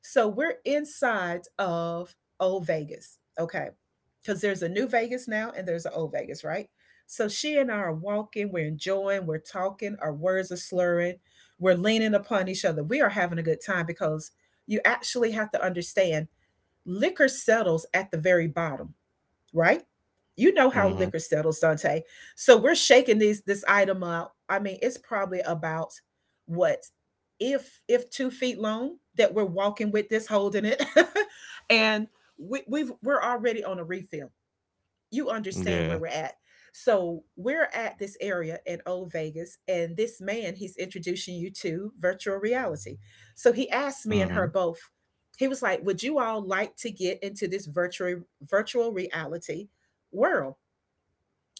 S2: So we're inside of old Vegas, okay? Because there's a new Vegas now and there's an old Vegas, right? So she and I are walking, we're enjoying, we're talking, our words are slurring, we're leaning upon each other. We are having a good time because you actually have to understand liquor settles at the very bottom, right? You know how
S1: Mhm.
S2: liquor settles, Dante. So we're shaking these this item out. I mean, it's probably about what, if 2 feet long, that we're walking with this, holding it, and we're already on a refill. You understand where
S1: Yeah.
S2: we're at. So we're at this area in Old Vegas, and this man, he's introducing you to virtual reality. So he asked me and her
S1: Mhm.
S2: both. He was like, "Would you all like to get into this virtual reality world?"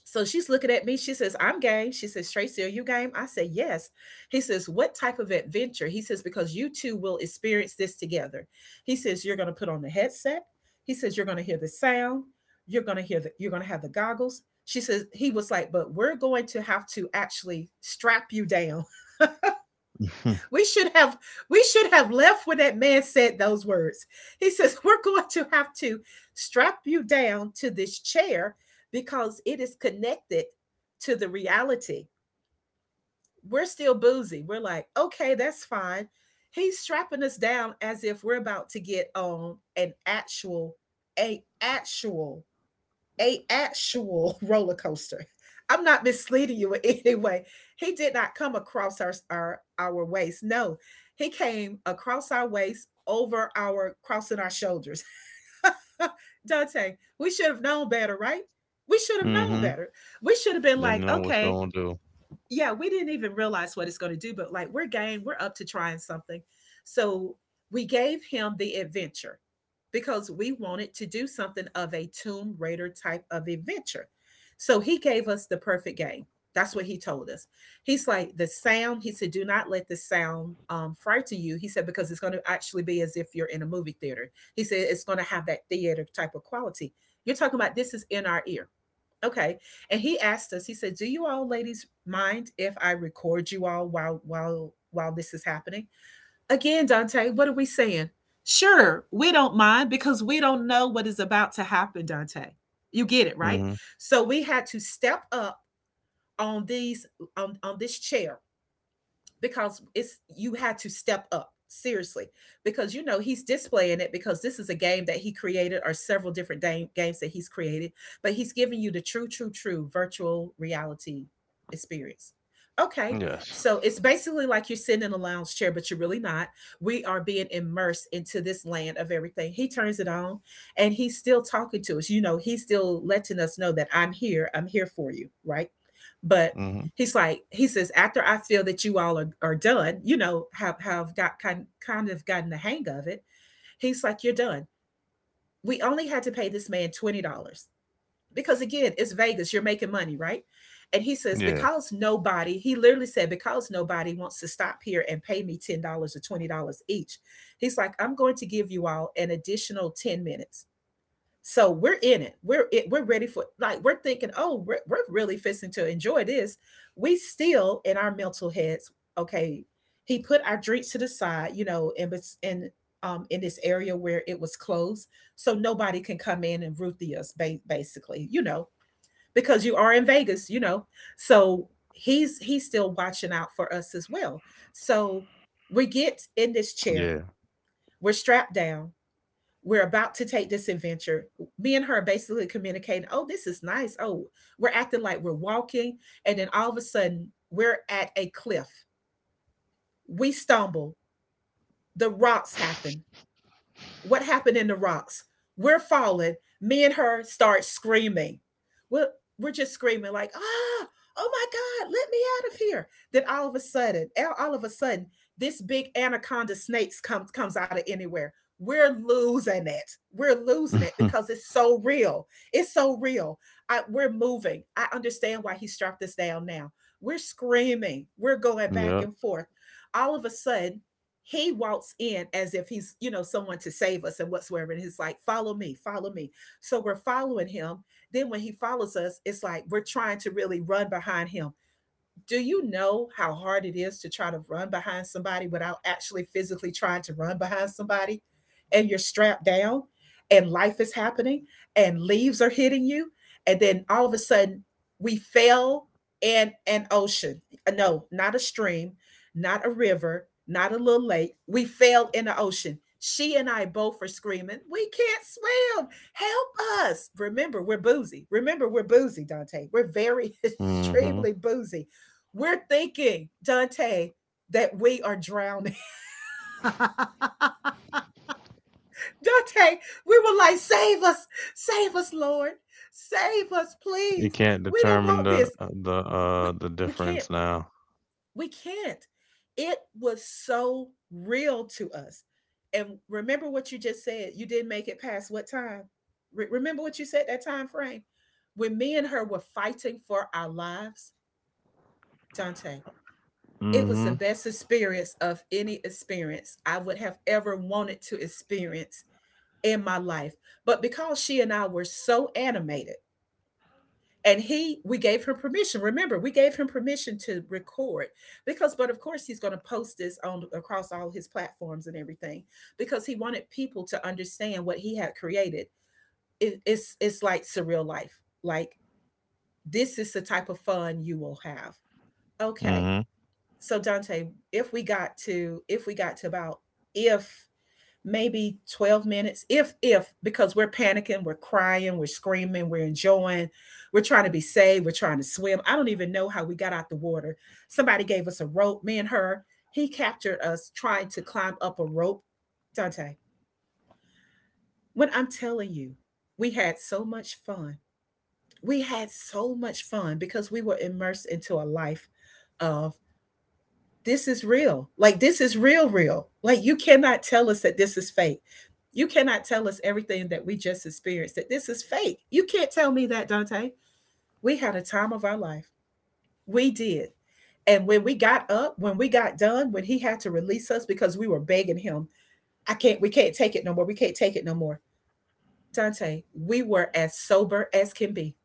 S2: So she's looking at me. She says, I'm game. She says, Tracy, are you game? I say, yes. He says, what type of adventure? He says, because you two will experience this together. He says, you're going to put on the headset. He says, you're going to hear the sound. You're going to hear the, you're going to have the goggles. She says, he was like, but we're going to have to actually strap you down.
S1: Mhm.
S2: We should have we should have left when that man said those words. He says, "We're going to have to strap you down to this chair because it is connected to the reality." We're still boozy. We're like, "Okay, that's fine." He's strapping us down as if we're about to get on an actual a actual a actual roller coaster. I'm not misleading you in any way. He did not come across our waist. No, he came across our waist over our crossing our shoulders. Dante, we should have known better, right? We should have known better. We should have been
S1: Didn't
S2: like,
S1: know what's
S2: okay,
S1: gonna do.
S2: yeah, we didn't even realize what it's going to do, but like we're game, we're up to trying something. So we gave him the adventure because we wanted to do something of a Tomb Raider type of adventure. So he gave us the perfect game. That's what he told us. He's like, the sound, he said, do not let the sound frighten you. He said, because it's going to actually be as if you're in a movie theater. He said, it's going to have that theater type of quality. You're talking about this is in our ear. Okay. And he asked us, he said, do you all ladies mind if I record you all while this is happening? Again, Dante, what are we saying? Sure, we don't mind because we don't know what is about to happen, Dante. You get it, right?
S1: Mhm.
S2: So we had to step up on on this chair because it's, you had to step up seriously because you know he's displaying it because this is a game that he created, or several different games that he's created, but he's giving you the true true true virtual reality experience, okay.
S1: Yes.
S2: So it's basically like you're sitting in a lounge chair but you're really not. We are being immersed into this land of everything. He turns it on and he's still talking to us, you know, he's still letting us know that I'm here, I'm here for you, right? But
S1: Mhm.
S2: he's like, he says, after I feel that you all are done, you know, have got kind of gotten the hang of it. He's like, you're done. We only had to pay this man $20 because, again, it's Vegas. You're making money, right? And he says,
S1: Yeah.
S2: because nobody, he literally said, because nobody wants to stop here and pay me $10 or $20 each. He's like, I'm going to give you all an additional 10 minutes. So we're in it. We're ready for, like we're thinking, oh, we're really fixing to enjoy this. We still in our mental heads. Okay, he put our drinks to the side, you know, and was and in this area where it was closed, so nobody can come in and ruthie us, basically, you know, because you are in Vegas, you know. So he's still watching out for us as well. So we get in this chair.
S1: Yeah.
S2: We're strapped down, we're about to take this adventure. Me and her are basically communicating, oh, this is nice. Oh, we're acting like we're walking. And then all of a sudden, we're at a cliff. We stumble. The rocks happen. What happened in the rocks? We're falling. Me and her start screaming. We're, we're just screaming like, ah, oh my God, let me out of here. Then all of a sudden, all of a sudden, this big anaconda snake comes out of anywhere. We're losing it. We're losing it
S1: Mhm.
S2: because it's so real. It's so real. We're moving. I understand why he strapped us down now. We're screaming. We're going back and
S1: Yep.
S2: forth. All of a sudden, he walks in as if he's, you know, someone to save us and whatsoever, and he's like, follow me, follow me. So we're following him. Then when he follows us, it's like we're trying to really run behind him. Do you know how hard it is to try to run behind somebody without actually physically trying to run behind somebody, and you're strapped down, and life is happening, and leaves are hitting you. And then all of a sudden, we fell in an ocean. No, not a stream, not a river, not a little lake, we fell in the ocean. She and I both are screaming, we can't swim, help us. Remember, we're boozy, remember we're boozy, Dante, we're very
S1: Mhm.
S2: extremely boozy. We're thinking, Dante, that we are drowning. Dante, we were like, save us, Lord, save us,
S1: You
S2: please.
S1: can't
S2: We don't
S1: determine
S2: want this. We
S1: the
S2: we can't.
S1: difference now.
S2: We can't. It was so real to us. And remember what you just said. You didn't make it past what time? Remember what you said, that time frame when me and her were fighting for our lives, Dante. It was the
S1: Mhm.
S2: best experience of any experience I would have ever wanted to experience in my life. But because she and I were so animated, and we gave him permission. Remember, we gave him permission to record because, but of course, he's going to post this on across all his platforms and everything because he wanted people to understand what he had created. It's like surreal life. Like, this is the type of fun you will have. Okay,
S1: Mhm.
S2: so Dante, if we got to about if maybe 12 minutes, if, because we're panicking, we're crying, we're screaming, we're enjoying, we're trying to be saved, we're trying to swim. I don't even know how we got out the water. Somebody gave us a rope, me and her. He captured us trying to climb up a rope. Dante, when I'm telling you, we had so much fun. We had so much fun because we were immersed into a life of, this is real. Like this is real, real. Like you cannot tell us that this is fake. You cannot tell us everything that we just experienced, that this is fake. You can't tell me that, Dante. We had a time of our life. We did. And when we got up, when we got done, when he had to release us because we were begging him, I can't, we can't take it no more. We can't take it no more. Dante, we were as sober as can be.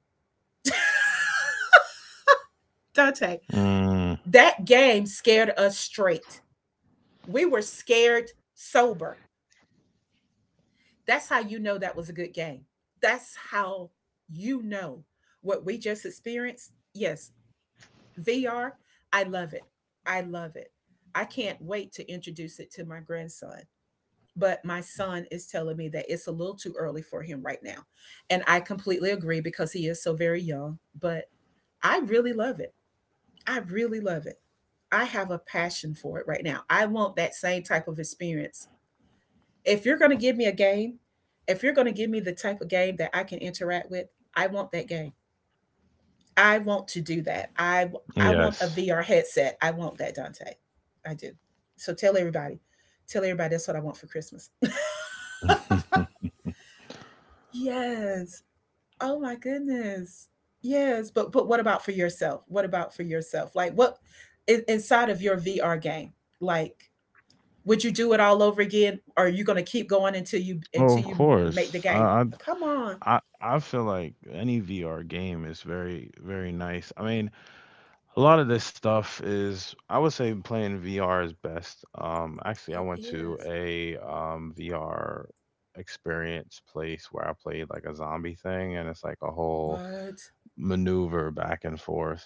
S2: Dante,
S1: Mm.
S2: that game scared us straight. We were scared sober. That's how you know that was a good game. That's how you know what we just experienced. Yes, VR, I love it. I love it. I can't wait to introduce it to my grandson. But my son is telling me that it's a little too early for him right now. And I completely agree because he is so very young. But I really love it. I really love it. I have a passion for it right now. I want that same type of experience if you're going to give me a game, if you're going to give me the type of game that I can interact with, I want that game. I want to do that. I want a
S1: Yes.
S2: VR headset. I want that, Dante. I do. So tell everybody. Tell everybody that's what I want for Christmas. yes. Oh my goodness. Yes, but what about for yourself? What about for yourself? Like what inside of your VR game? Like would you do it all over again or are you going to keep going until you
S1: Oh, of
S2: until you make the
S1: course. I
S2: game?
S1: I
S2: Come on.
S1: I I feel like any VR game is very very nice. I mean, a lot of this stuff is, I would say, playing VR is best. Actually, I
S2: It
S1: went to
S2: is.
S1: a VR experience place where I played like a zombie thing, and it's like a whole
S2: What?
S1: maneuver back and forth.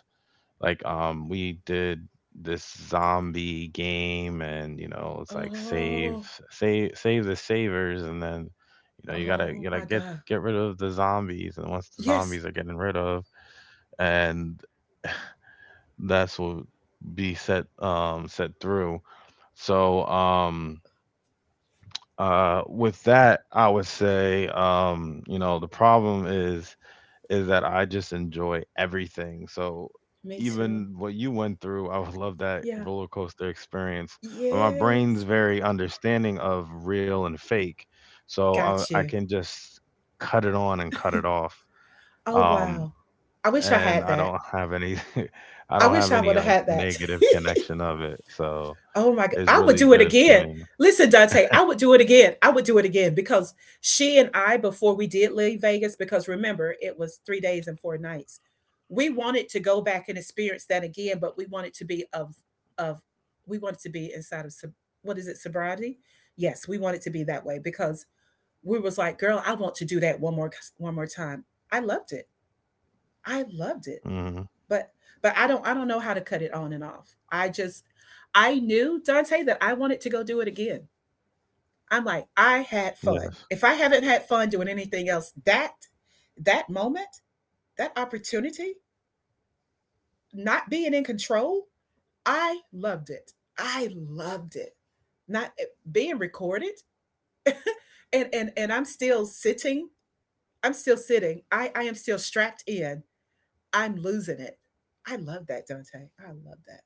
S1: Like, we did this zombie game, and you know, it's like save,
S2: Oh,
S1: save, save the savers, and then you know, you gotta
S2: oh my God.
S1: get rid of the zombies, and once the
S2: Yes.
S1: zombies are getting rid of, and that's will be set set through. So with that, I would say, you know, the problem is that I just enjoy everything. So
S2: Me too.
S1: even what you went through, I would love that
S2: Yeah.
S1: roller coaster experience. But my brain's
S2: Yes.
S1: very understanding of real and fake. So I
S2: Got
S1: I
S2: you.
S1: can just cut it on and cut it off.
S2: Oh,
S1: Um
S2: wow. I wish I
S1: and
S2: had
S1: I
S2: that.
S1: don't have any I
S2: I
S1: don't
S2: wish
S1: have
S2: I
S1: any,
S2: would have
S1: like,
S2: had that.
S1: negative connection of it, so
S2: Oh my God.
S1: it's
S2: I would
S1: really
S2: do it
S1: good for
S2: again.
S1: me.
S2: Listen, Dante, I would do it again. I would do it again because she and I, before we did leave Vegas, because remember, it was 3 days and 4 nights. We wanted to go back and experience that again, but of we wanted to be inside of what is it, sobriety? Yes, we wanted to be that way because we was like, girl, I want to do that one more time. I loved it. I loved it.
S1: Mhm.
S2: But but I don't know how to cut it on and off. I knew Dante that I wanted to go do it again. I'm like, I had fun.
S1: Yes.
S2: If I haven't had fun doing anything else, that moment, that opportunity, not being in control, I loved it. I loved it. Not being recorded and I'm still sitting. I'm still sitting. I am still strapped in. I'm losing it. I love that, Dante. I love that.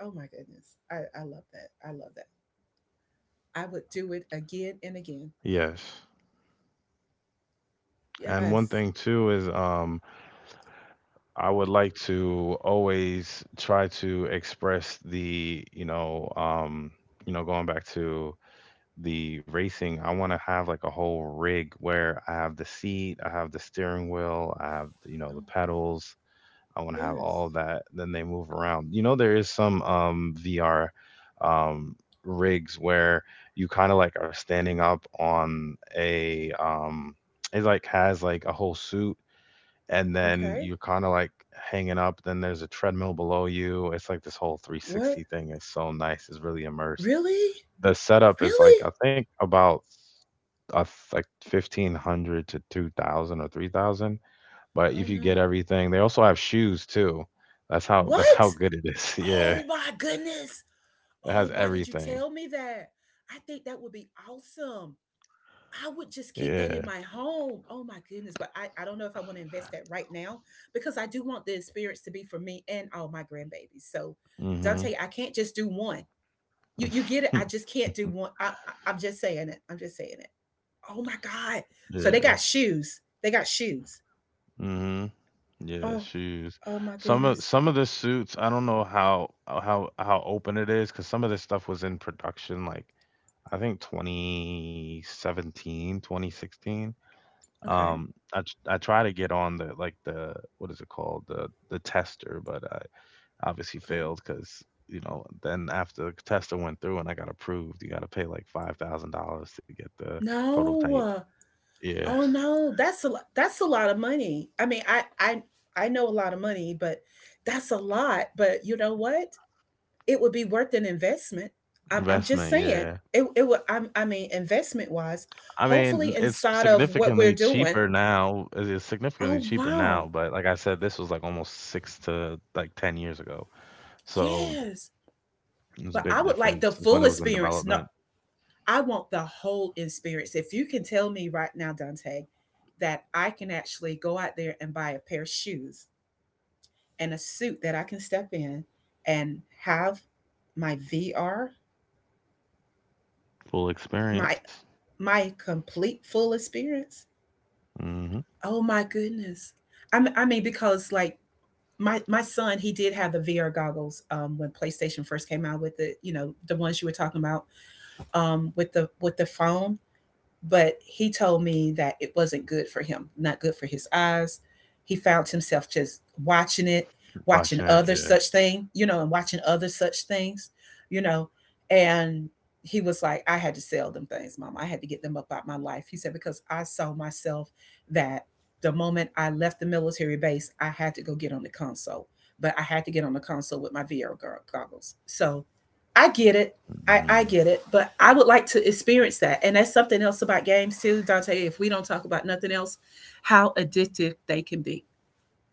S2: Oh my goodness. I love that. I love that. I would do it again and again.
S1: Yes. And one
S2: Yes.
S1: thing too is, I would like to always try to express the, you know, going back to the racing, I wanna have, like, a whole rig where I have the seat, I have the steering wheel, I have, you know, the pedals, I want to have
S2: Yes.
S1: all that. Then they move around. You know, there is some VR um, rigs where you kind of like are standing up on a. It like has like a whole suit, and then
S2: Okay.
S1: you're kind of like hanging up. Then there's a treadmill below you. It's like this whole
S2: What?
S1: 360 thing is so nice. It's really immersed.
S2: Really?
S1: The setup is like
S2: Really?
S1: I think about uh, like 1500 to 2000 or 3000, but
S2: Oh
S1: if you get
S2: no.
S1: everything, they also have shoes too. That's how
S2: What?
S1: good it is. Yeah.
S2: Oh my goodness.
S1: It
S2: Oh,
S1: has
S2: why did you tell
S1: everything.
S2: me that? I think that would be awesome. I would just keep that in
S1: Yeah.
S2: my home. Oh my goodness. But I don't know if I want to invest that right now because I do want the experience to be for me and all my grandbabies. So Dante,
S1: Mhm.
S2: I can't just do one. You get it? I just can't do one. I'm just saying it. I'm just saying it. Oh my God! So they
S1: yeah.
S2: got shoes. They got shoes.
S1: Mhm. Yeah,
S2: Oh
S1: shoes.
S2: oh, my goodness.
S1: Some of the suits, I don't know how open it is, cause some of this stuff was in production like I think 2017, 2016.
S2: Okay,
S1: I try to get on the like the, what is it called? The tester. But obviously
S2: okay.
S1: failed because you know then after the tester went through and I got approved, you got to pay like $5,000 to get the prototype.
S2: No.
S1: Yeah,
S2: Oh no. That's a lot. That's a lot of money. I mean, I know a lot of money, but that's a lot. But you know what? It would be worth an investment. I'm just
S1: investment.
S2: saying.
S1: Yeah,
S2: It would. I mean, investment wise,
S1: I mean
S2: hopefully
S1: it's
S2: inside of what we're
S1: significantly
S2: doing.
S1: cheaper now. It's significantly
S2: Oh
S1: cheaper now,
S2: wow.
S1: but like I said, this was like almost six to like 10 years ago. So
S2: Yes.
S1: it's
S2: But
S1: a
S2: I
S1: big
S2: would like the
S1: difference. It's
S2: full
S1: when it was in
S2: experience. No,
S1: development,
S2: I want the whole experience. If you can tell me right now, Dante, that I can actually go out there and buy a pair of shoes and a suit that I can step in and have my VR,
S1: full
S2: my
S1: experience.
S2: my complete full experience.
S1: Hmm
S2: Oh my goodness. I mean because like my son, he did have the VR goggles when PlayStation first came out with the ones you were talking about with the phone but he told me that it wasn't good for him, not good for his eyes. He found himself just watching it, watching
S1: Watching it,
S2: other
S1: yeah.
S2: such thing, and watching other such things, you know, and he was like, I had to sell them things, mom. I had to get them up out my life. He said, because I saw myself that the moment I left the military base, I had to go get on the console, but I had to get on the console with my VR goggles. So I get it. I
S1: hmm
S2: get it, but I would like to experience that. And that's something else about games too, Dante, if we don't talk about nothing else, how addictive they can be.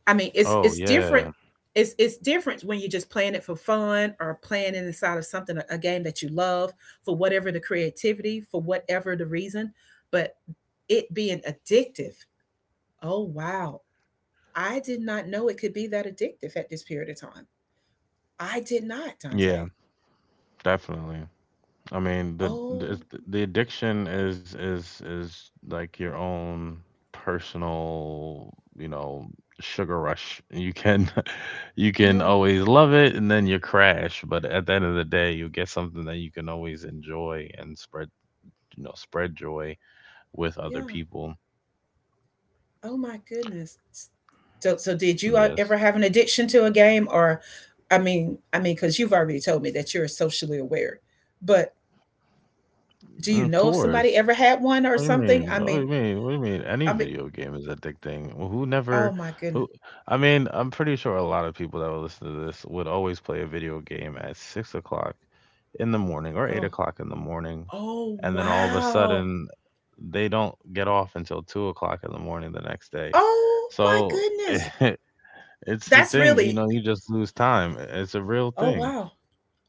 S2: I mean, it's
S1: Oh
S2: it's different.
S1: yeah,
S2: It's different when you're just playing it for fun or playing it inside of something, a, game that you love for whatever the creativity, for whatever the reason. But it being addictive, oh wow. I did not know it could be that addictive at this period of time. I did not,
S1: yeah,
S2: Dante.
S1: definitely. I mean, the
S2: Oh,
S1: the addiction is like your own personal, you know, sugar rush. You can you can
S2: yeah,
S1: always love it and then you crash, but at the end of the day, you get something that you can always enjoy and spread, you know, spread joy with other
S2: yeah.
S1: people.
S2: Oh my goodness. So, so did you
S1: Yes.
S2: ever have an addiction to a game, or, I mean, because you've already told me that you're socially aware, but do you
S1: Of
S2: know if somebody
S1: course.
S2: ever had one or
S1: What do you
S2: something?
S1: mean?
S2: I mean,
S1: Any
S2: I mean,
S1: video game is addicting. Well, who
S2: oh
S1: never?
S2: my goodness.
S1: Who? I mean, I'm pretty sure a lot of people that would listen to this would always play a video game at 6 o'clock in the morning or eight
S2: Oh,
S1: o'clock in the morning,
S2: oh
S1: and then all of a
S2: wow.
S1: sudden they don't get off until 2 o'clock in the morning the next day.
S2: Oh my
S1: So
S2: goodness.
S1: it's the
S2: That's
S1: thing, you
S2: really.
S1: know. You just lose time. It's a real
S2: Oh
S1: thing.
S2: wow.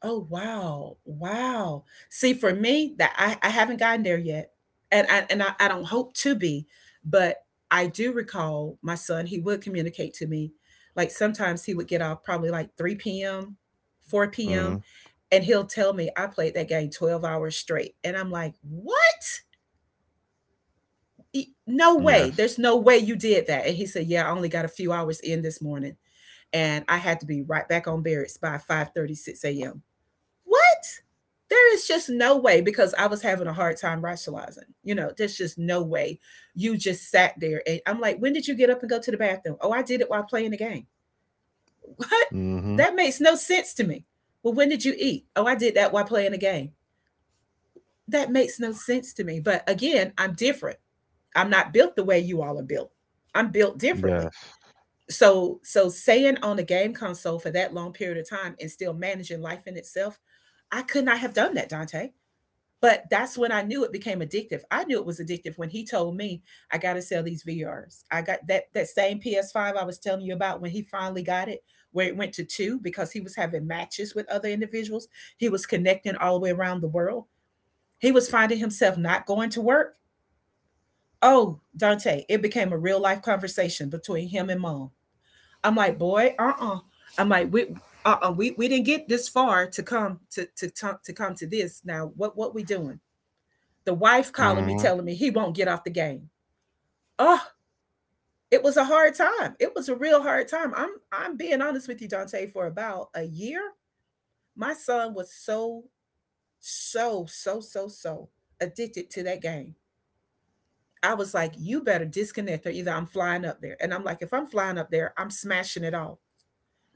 S2: Oh wow, wow. See, for me, that I haven't gotten there yet, and I don't hope to be, but I do recall my son. He would communicate to me, like sometimes he would get off probably like 3 p.m., four
S1: Hmm
S2: p.m., and he'll tell me I played that game 12 hours straight, and I'm like, what? No way.
S1: Yes.
S2: There's no way you did that. And he said, yeah, I only got a few hours in this morning, and I had to be right back on barracks by 5:36 a.m. What? There is just no way because I was having a hard time rationalizing. You know, there's just no way you just sat there. And I'm like, when did you get up and go to the bathroom? Oh, I did it while playing the game. What?
S1: hmm
S2: That makes no sense to me. Well, when did you eat? Oh, I did that while playing the game. That makes no sense to me. But again, I'm different. I'm not built the way you all are built. I'm built differently.
S1: Yes.
S2: So staying on a game console for that long period of time and still managing life in itself, I could not have done that, Dante. But that's when I knew it became addictive. I knew it was addictive when he told me I got to sell these VRs. I got that same PS5 I was telling you about when he finally got it, where it went to two because he was having matches with other individuals. He was connecting all the way around the world. He was finding himself not going to work. Oh, Dante, it became a real life conversation between him and mom. I'm like, boy, uh-uh. I'm like, we uh-uh, we didn't get this far to come to come to this. Now, what we doing? The wife calling me
S1: hmm
S2: telling me he won't get off the game. Oh, it was a hard time. It was a real hard time. I'm being honest with you, Dante, for about a year. My son was so, so, so, so, so addicted to that game. I was like, you better disconnect or either I'm flying up there. And I'm like, if I'm flying up there, I'm smashing it all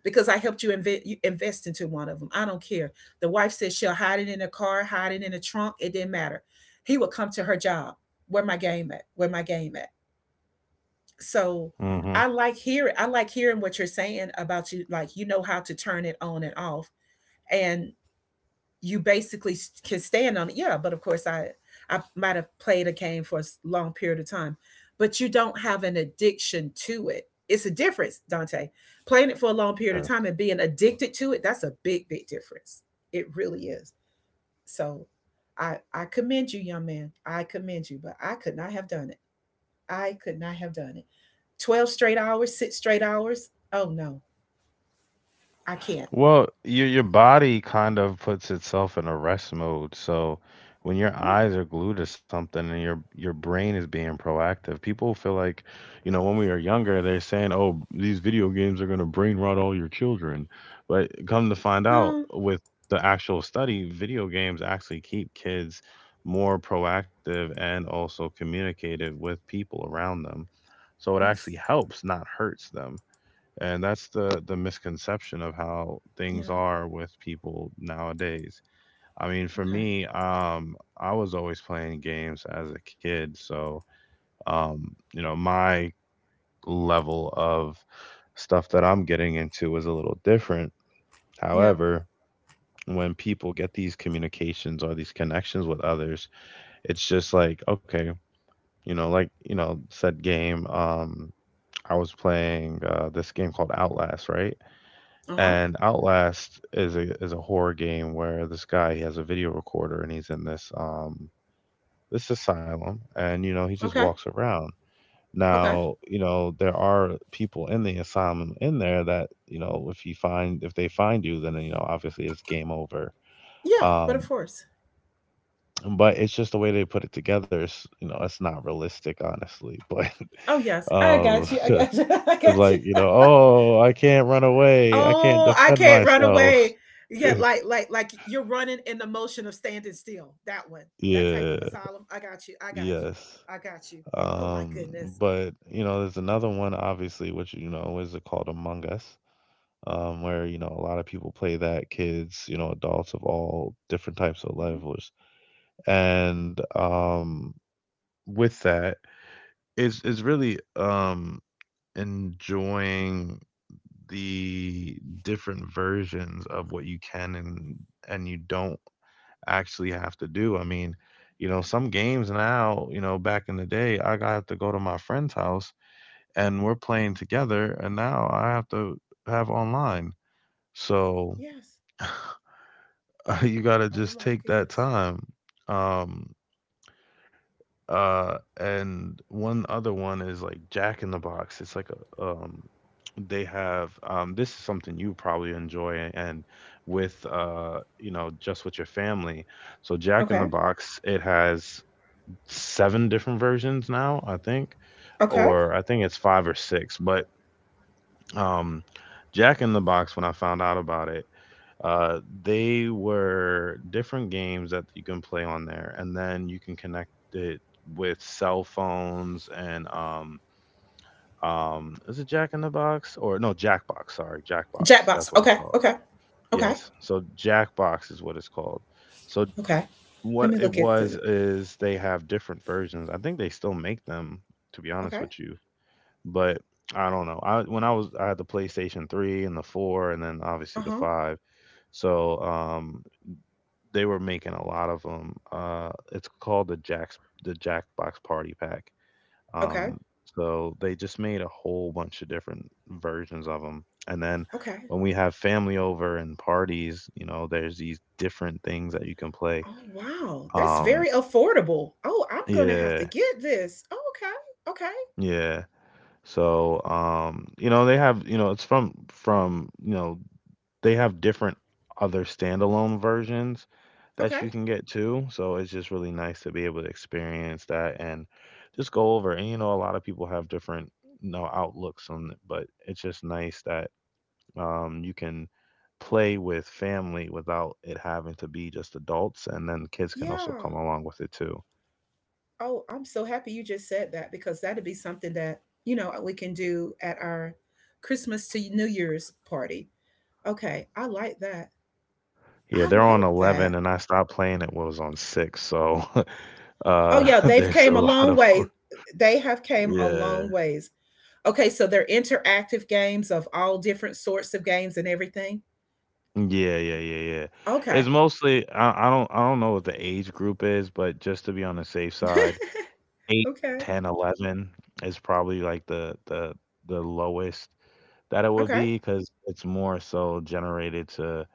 S2: because I helped you, you invest into one of them. I don't care. The wife said she'll hide it in a car, hide it in a trunk. It didn't matter. He would come to her job. Where my game at? Where my game at? So I like hearing what you're saying about you like you know how to turn it on and off and you basically can stand on it. Yeah, but of course I might have played a game for a long period of time, but you don't have an addiction to it. It's a difference, Dante. Playing it for a long period
S1: hmm
S2: of time and being addicted to it, that's a big big difference. It really is. So I commend you, young man. I commend you, but I could not have done it. I could not have done it. 12 straight hours, 6 straight hours. Oh no, I can't.
S1: Well, your body kind of puts itself in a rest mode. So when your
S2: No,
S1: eyes are glued to something and your brain is being proactive, people feel like, you know, when we are younger, they're saying, "Oh, these video games are going to brain rot all your children." But come to find out
S2: no,
S1: with the actual study, video games actually keep kids more proactive and also communicative with people around them. So it
S2: yes,
S1: actually helps, not hurts them. And that's the misconception of how things
S2: yeah,
S1: are with people nowadays. I mean, for
S2: okay,
S1: me, I was always playing games as a kid. So you know, my level of stuff that I'm getting into is a little different.
S2: yeah,
S1: However, when people get these communications or these connections with others, it's just like, okay, you know, like you know said game. I was playing this game called Outlast, right?
S2: uh huh,
S1: And Outlast is a horror game where this guy, he has a video recorder, and he's in this this asylum, and you know he just
S2: okay,
S1: walks around.
S2: okay,
S1: Now, you know, there are people in the asylum in there that, you know, if you find if they find you, then you know obviously it's game over.
S2: yeah, but of
S1: Um
S2: course.
S1: but it's just the way they put it together is, you know, it's not realistic, honestly, but
S2: Oh yes,
S1: um
S2: I got you, I
S1: it's
S2: got you.
S1: like, you know, oh, I can't run away, I can't
S2: Oh, I
S1: defend
S2: can't run
S1: myself.
S2: away. Yeah, like you're running in the motion of standing still. That one, that type
S1: yeah.
S2: of asylum. I got you, I got you,
S1: Yes.
S2: I got you. Oh my goodness.
S1: But you know, there's another one, obviously, which, you know, is called Among Us, where, you know, a lot of people play that, kids, you know, adults of all different types of
S2: Hmm.
S1: levels. And with that, it's really enjoying the different versions of what you can. And you don't actually have to do. I mean, some games now, back in the day, I got to go to my friend's house and we're playing together, and now I have to have online. So
S2: Yes.
S1: you got to
S2: Oh
S1: just
S2: my
S1: take that
S2: goodness.
S1: time. Um, and one other one is like Jack in the Box. It's like a, um, they have this is something you probably enjoy and with just with your family. So Jack in
S2: Okay.
S1: the Box, it has 7 different versions now, I think,
S2: Okay.
S1: or I think it's 5 or 6. Um, Jack in the Box, when I found out about it, they were different games that you can play on there, and then you can connect it with cell phones and is it Jack in the Box? Or no, Jackbox, sorry, Jackbox,
S2: Jackbox.
S1: that's what it's
S2: Okay.
S1: called.
S2: Okay. Okay.
S1: Yes, so Jackbox is what it's called. So
S2: Okay. Let
S1: what
S2: me
S1: it
S2: look at
S1: was
S2: the.
S1: is they have different versions. I think they still make them, to be honest
S2: Okay.
S1: with you, but I don't know. I when I was I had the PlayStation 3 and the 4 and then
S2: Uh
S1: obviously the
S2: huh.
S1: 5. So, they were making a lot of 'em. It's called the Jack's the Jackbox Party Pack.
S2: Okay.
S1: Um, so they just made a whole bunch of different versions of them, and then
S2: Okay.
S1: when we have family over and parties, you know, there's these different things that you can play.
S2: Oh wow, that's very
S1: Um,
S2: affordable. Oh, I'm gonna have
S1: yeah.
S2: to get this. Oh, okay. Okay.
S1: Yeah. So, you know, they have, you know, it's you know, they have different other standalone versions
S2: Okay.
S1: that you can get too. So it's just really nice to be able to experience that and just go over. And you know, a lot of people have different, you know, outlooks on it, but it's just nice that you can play with family without it having to be just adults, and then kids can also
S2: Yeah.
S1: come along with it too.
S2: Oh, I'm so happy you just said that because that'd be something that we can do at our Christmas to New Year's party. Okay. I like that.
S1: Yeah,
S2: I
S1: they're on
S2: like
S1: 11
S2: that.
S1: and I stopped playing it when it was on 6. So
S2: Oh
S1: uh,
S2: yeah, they've
S1: there's a
S2: came a
S1: lot
S2: long
S1: of 'em.
S2: way. They have came a
S1: Yeah.
S2: long ways. Okay, so they're interactive games of all different sorts of games and everything.
S1: Yeah, yeah, yeah, yeah.
S2: Okay.
S1: It's mostly I don't I don't know what the age group is, but just to be on the safe side, eight,
S2: Okay.
S1: 10, 11 is probably like the lowest that it would
S2: Okay.
S1: be, cause it's more so generated to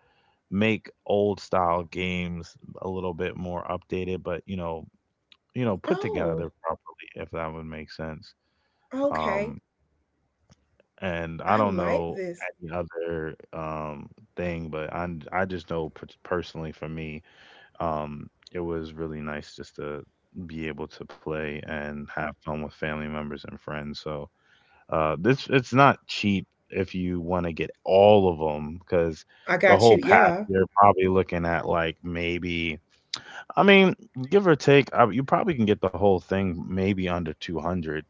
S1: make old style games a little bit more updated, but, you know, put together
S2: Oh,
S1: properly, if that would make sense.
S2: okay.
S1: Um, and I
S2: I
S1: don't
S2: like
S1: know
S2: this.
S1: any other, thing, but I just know personally for me, it was really nice just to be able to play and have fun with family members and friends. So, this, it's not cheap if you wanna get all of them, because
S2: I
S1: the
S2: got
S1: whole
S2: you.
S1: pack,
S2: Yeah.
S1: you're probably looking at, like, maybe, I mean, give or take, you probably can get the whole thing maybe under 200.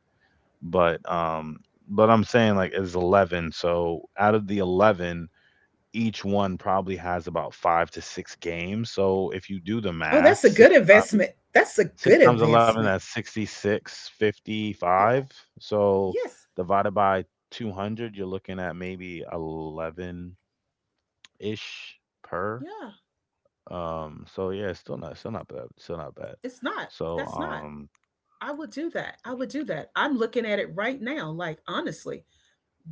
S1: But I'm saying like it's 11, so out of the 11 each one probably has about five to six games. So if you do the
S2: Oh, that's
S1: math
S2: a good investment. That's a good
S1: six times 11
S2: investment.
S1: that's
S2: Yeah.
S1: 6655. So
S2: Yes.
S1: divided by 200 you're looking at maybe 11 ish per.
S2: Yeah.
S1: Um, so yeah, it's still not bad, still not bad.
S2: It's not.
S1: So
S2: That's not.
S1: um
S2: I would do that. I would do that. I'm looking at it right now. Like, honestly,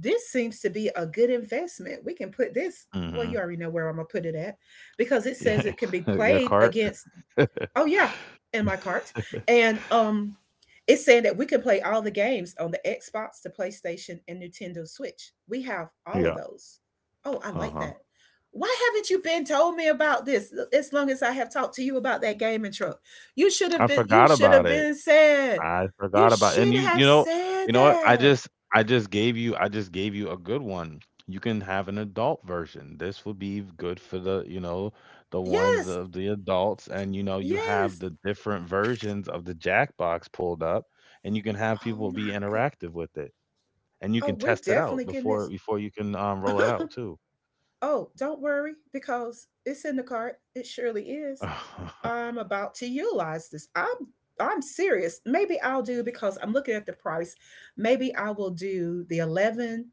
S2: this seems to be a good investment. We can put this. Well, you
S1: hmm.
S2: already know where I'm going to put it at because it says
S1: Yeah.
S2: it can be
S1: Your
S2: played
S1: cart.
S2: against oh yeah, in my cart. And it's saying that we can play all the games on the Xbox, the PlayStation, and Nintendo Switch. We have all
S1: Yeah.
S2: of those. Oh, I like
S1: Uh-huh.
S2: that. Why haven't you been told me about this as long as I have talked to you about that gaming truck? You should have
S1: I
S2: been you
S1: forgot
S2: should have
S1: about it.
S2: been said.
S1: I forgot
S2: You
S1: about and
S2: should
S1: you
S2: have said
S1: you know what I
S2: that.
S1: just, I just gave you, I just gave you a good one. You can have an adult version. This would be good for the, you know, the ones
S2: Yes.
S1: of the adults, and you know, you have
S2: Yes.
S1: the different versions of the Jackbox pulled up, and you can have
S2: Oh
S1: people be
S2: my god.
S1: interactive with it, and you
S2: Oh,
S1: can
S2: we're
S1: test it out
S2: definitely getting
S1: before
S2: this.
S1: before you can roll it out too.
S2: Oh, don't worry because it's in the cart. It surely is. I'm about to utilize this. I'm serious. Maybe I'll do because I'm looking at the price. Maybe I will do the 11,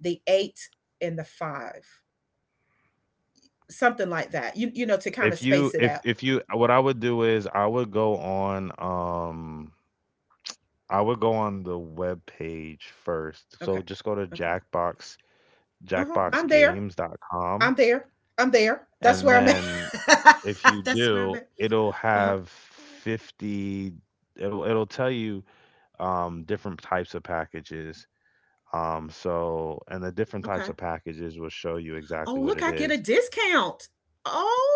S2: the 8 and the 5. Something like that. You know to kind of
S1: if you
S2: space it
S1: if
S2: out.
S1: if you what I would do is I would go on I would go on the web page first. So
S2: Okay.
S1: just go to
S2: Okay. Uh-huh. I'm there.
S1: Jackboxgames.com,
S2: I'm there. I'm there. That's
S1: and
S2: where I'm
S1: then
S2: at.
S1: if you
S2: That's where I'm
S1: do,
S2: at.
S1: it'll
S2: Uh-huh.
S1: have 50, it'll tell you different types of packages. Um, so, and the different types
S2: Okay.
S1: of packages will show you
S2: Oh,
S1: exactly what
S2: look,
S1: it
S2: I get a
S1: is.
S2: discount.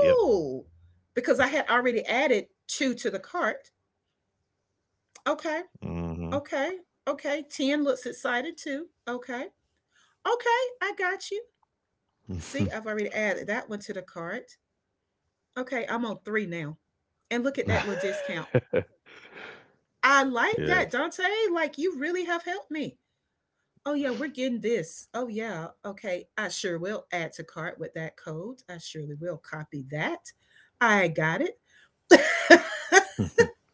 S1: Yep.
S2: Because I had already added 2 to the cart. Okay.
S1: Mhm.
S2: Okay. Okay. 10 looks excited too. Okay. Okay. I got you. See, I've already added that one to the cart. Okay. I'm on 3 now. And look at that little discount. I like
S1: Yeah.
S2: that, Dante. Like, you really have helped me. Oh, yeah. We're getting this. Oh, yeah. Okay. I sure will add to cart with that code. I surely will copy that. I got it.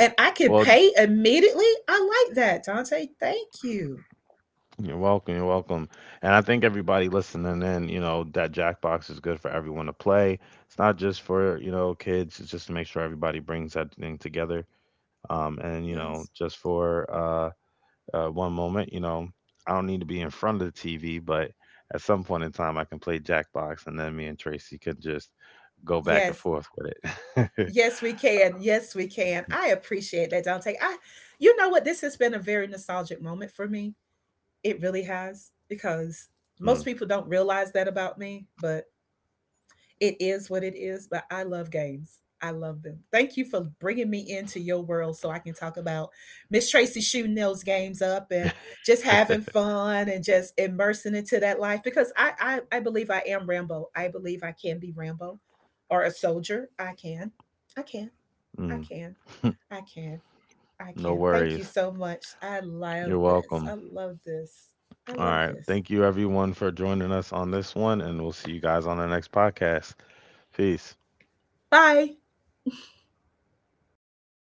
S2: And I can
S1: Well,
S2: pay immediately. I like that, Dante. Thank you.
S1: you're welcome. You're welcome. And I think everybody listening in, you know, that Jackbox is good for everyone to play. It's not just for, you know, kids. It's just to make sure everybody brings that thing together. And, you know,
S2: Yes.
S1: just for one moment, you know, I don't need to be in front of the TV, but at some point in time, I can play Jackbox and then me and Tracy can just go back and
S2: Yes.
S1: forth with it.
S2: Yes, we can. Yes, we can. I appreciate that, Dante. I you know what? This has been a very nostalgic moment for me. It really has because
S1: Mm,
S2: most people don't realize that about me, but it is what it is, but I love games. I love them. Thank you for bringing me into your world so I can talk about Miss Tracy shooting those games up and just having fun and just immersing into that life because I believe I am Rambo. I believe I can be Rambo or a soldier. I can. I can. I
S1: mm.
S2: can. I can. I
S1: No
S2: can. Thank you
S1: worries.
S2: so much. I love
S1: You're
S2: this.
S1: welcome.
S2: I love this. I
S1: All
S2: love
S1: right.
S2: this.
S1: Thank you, everyone, for joining us on this one, and we'll see you guys on the next podcast. Peace.
S2: Bye.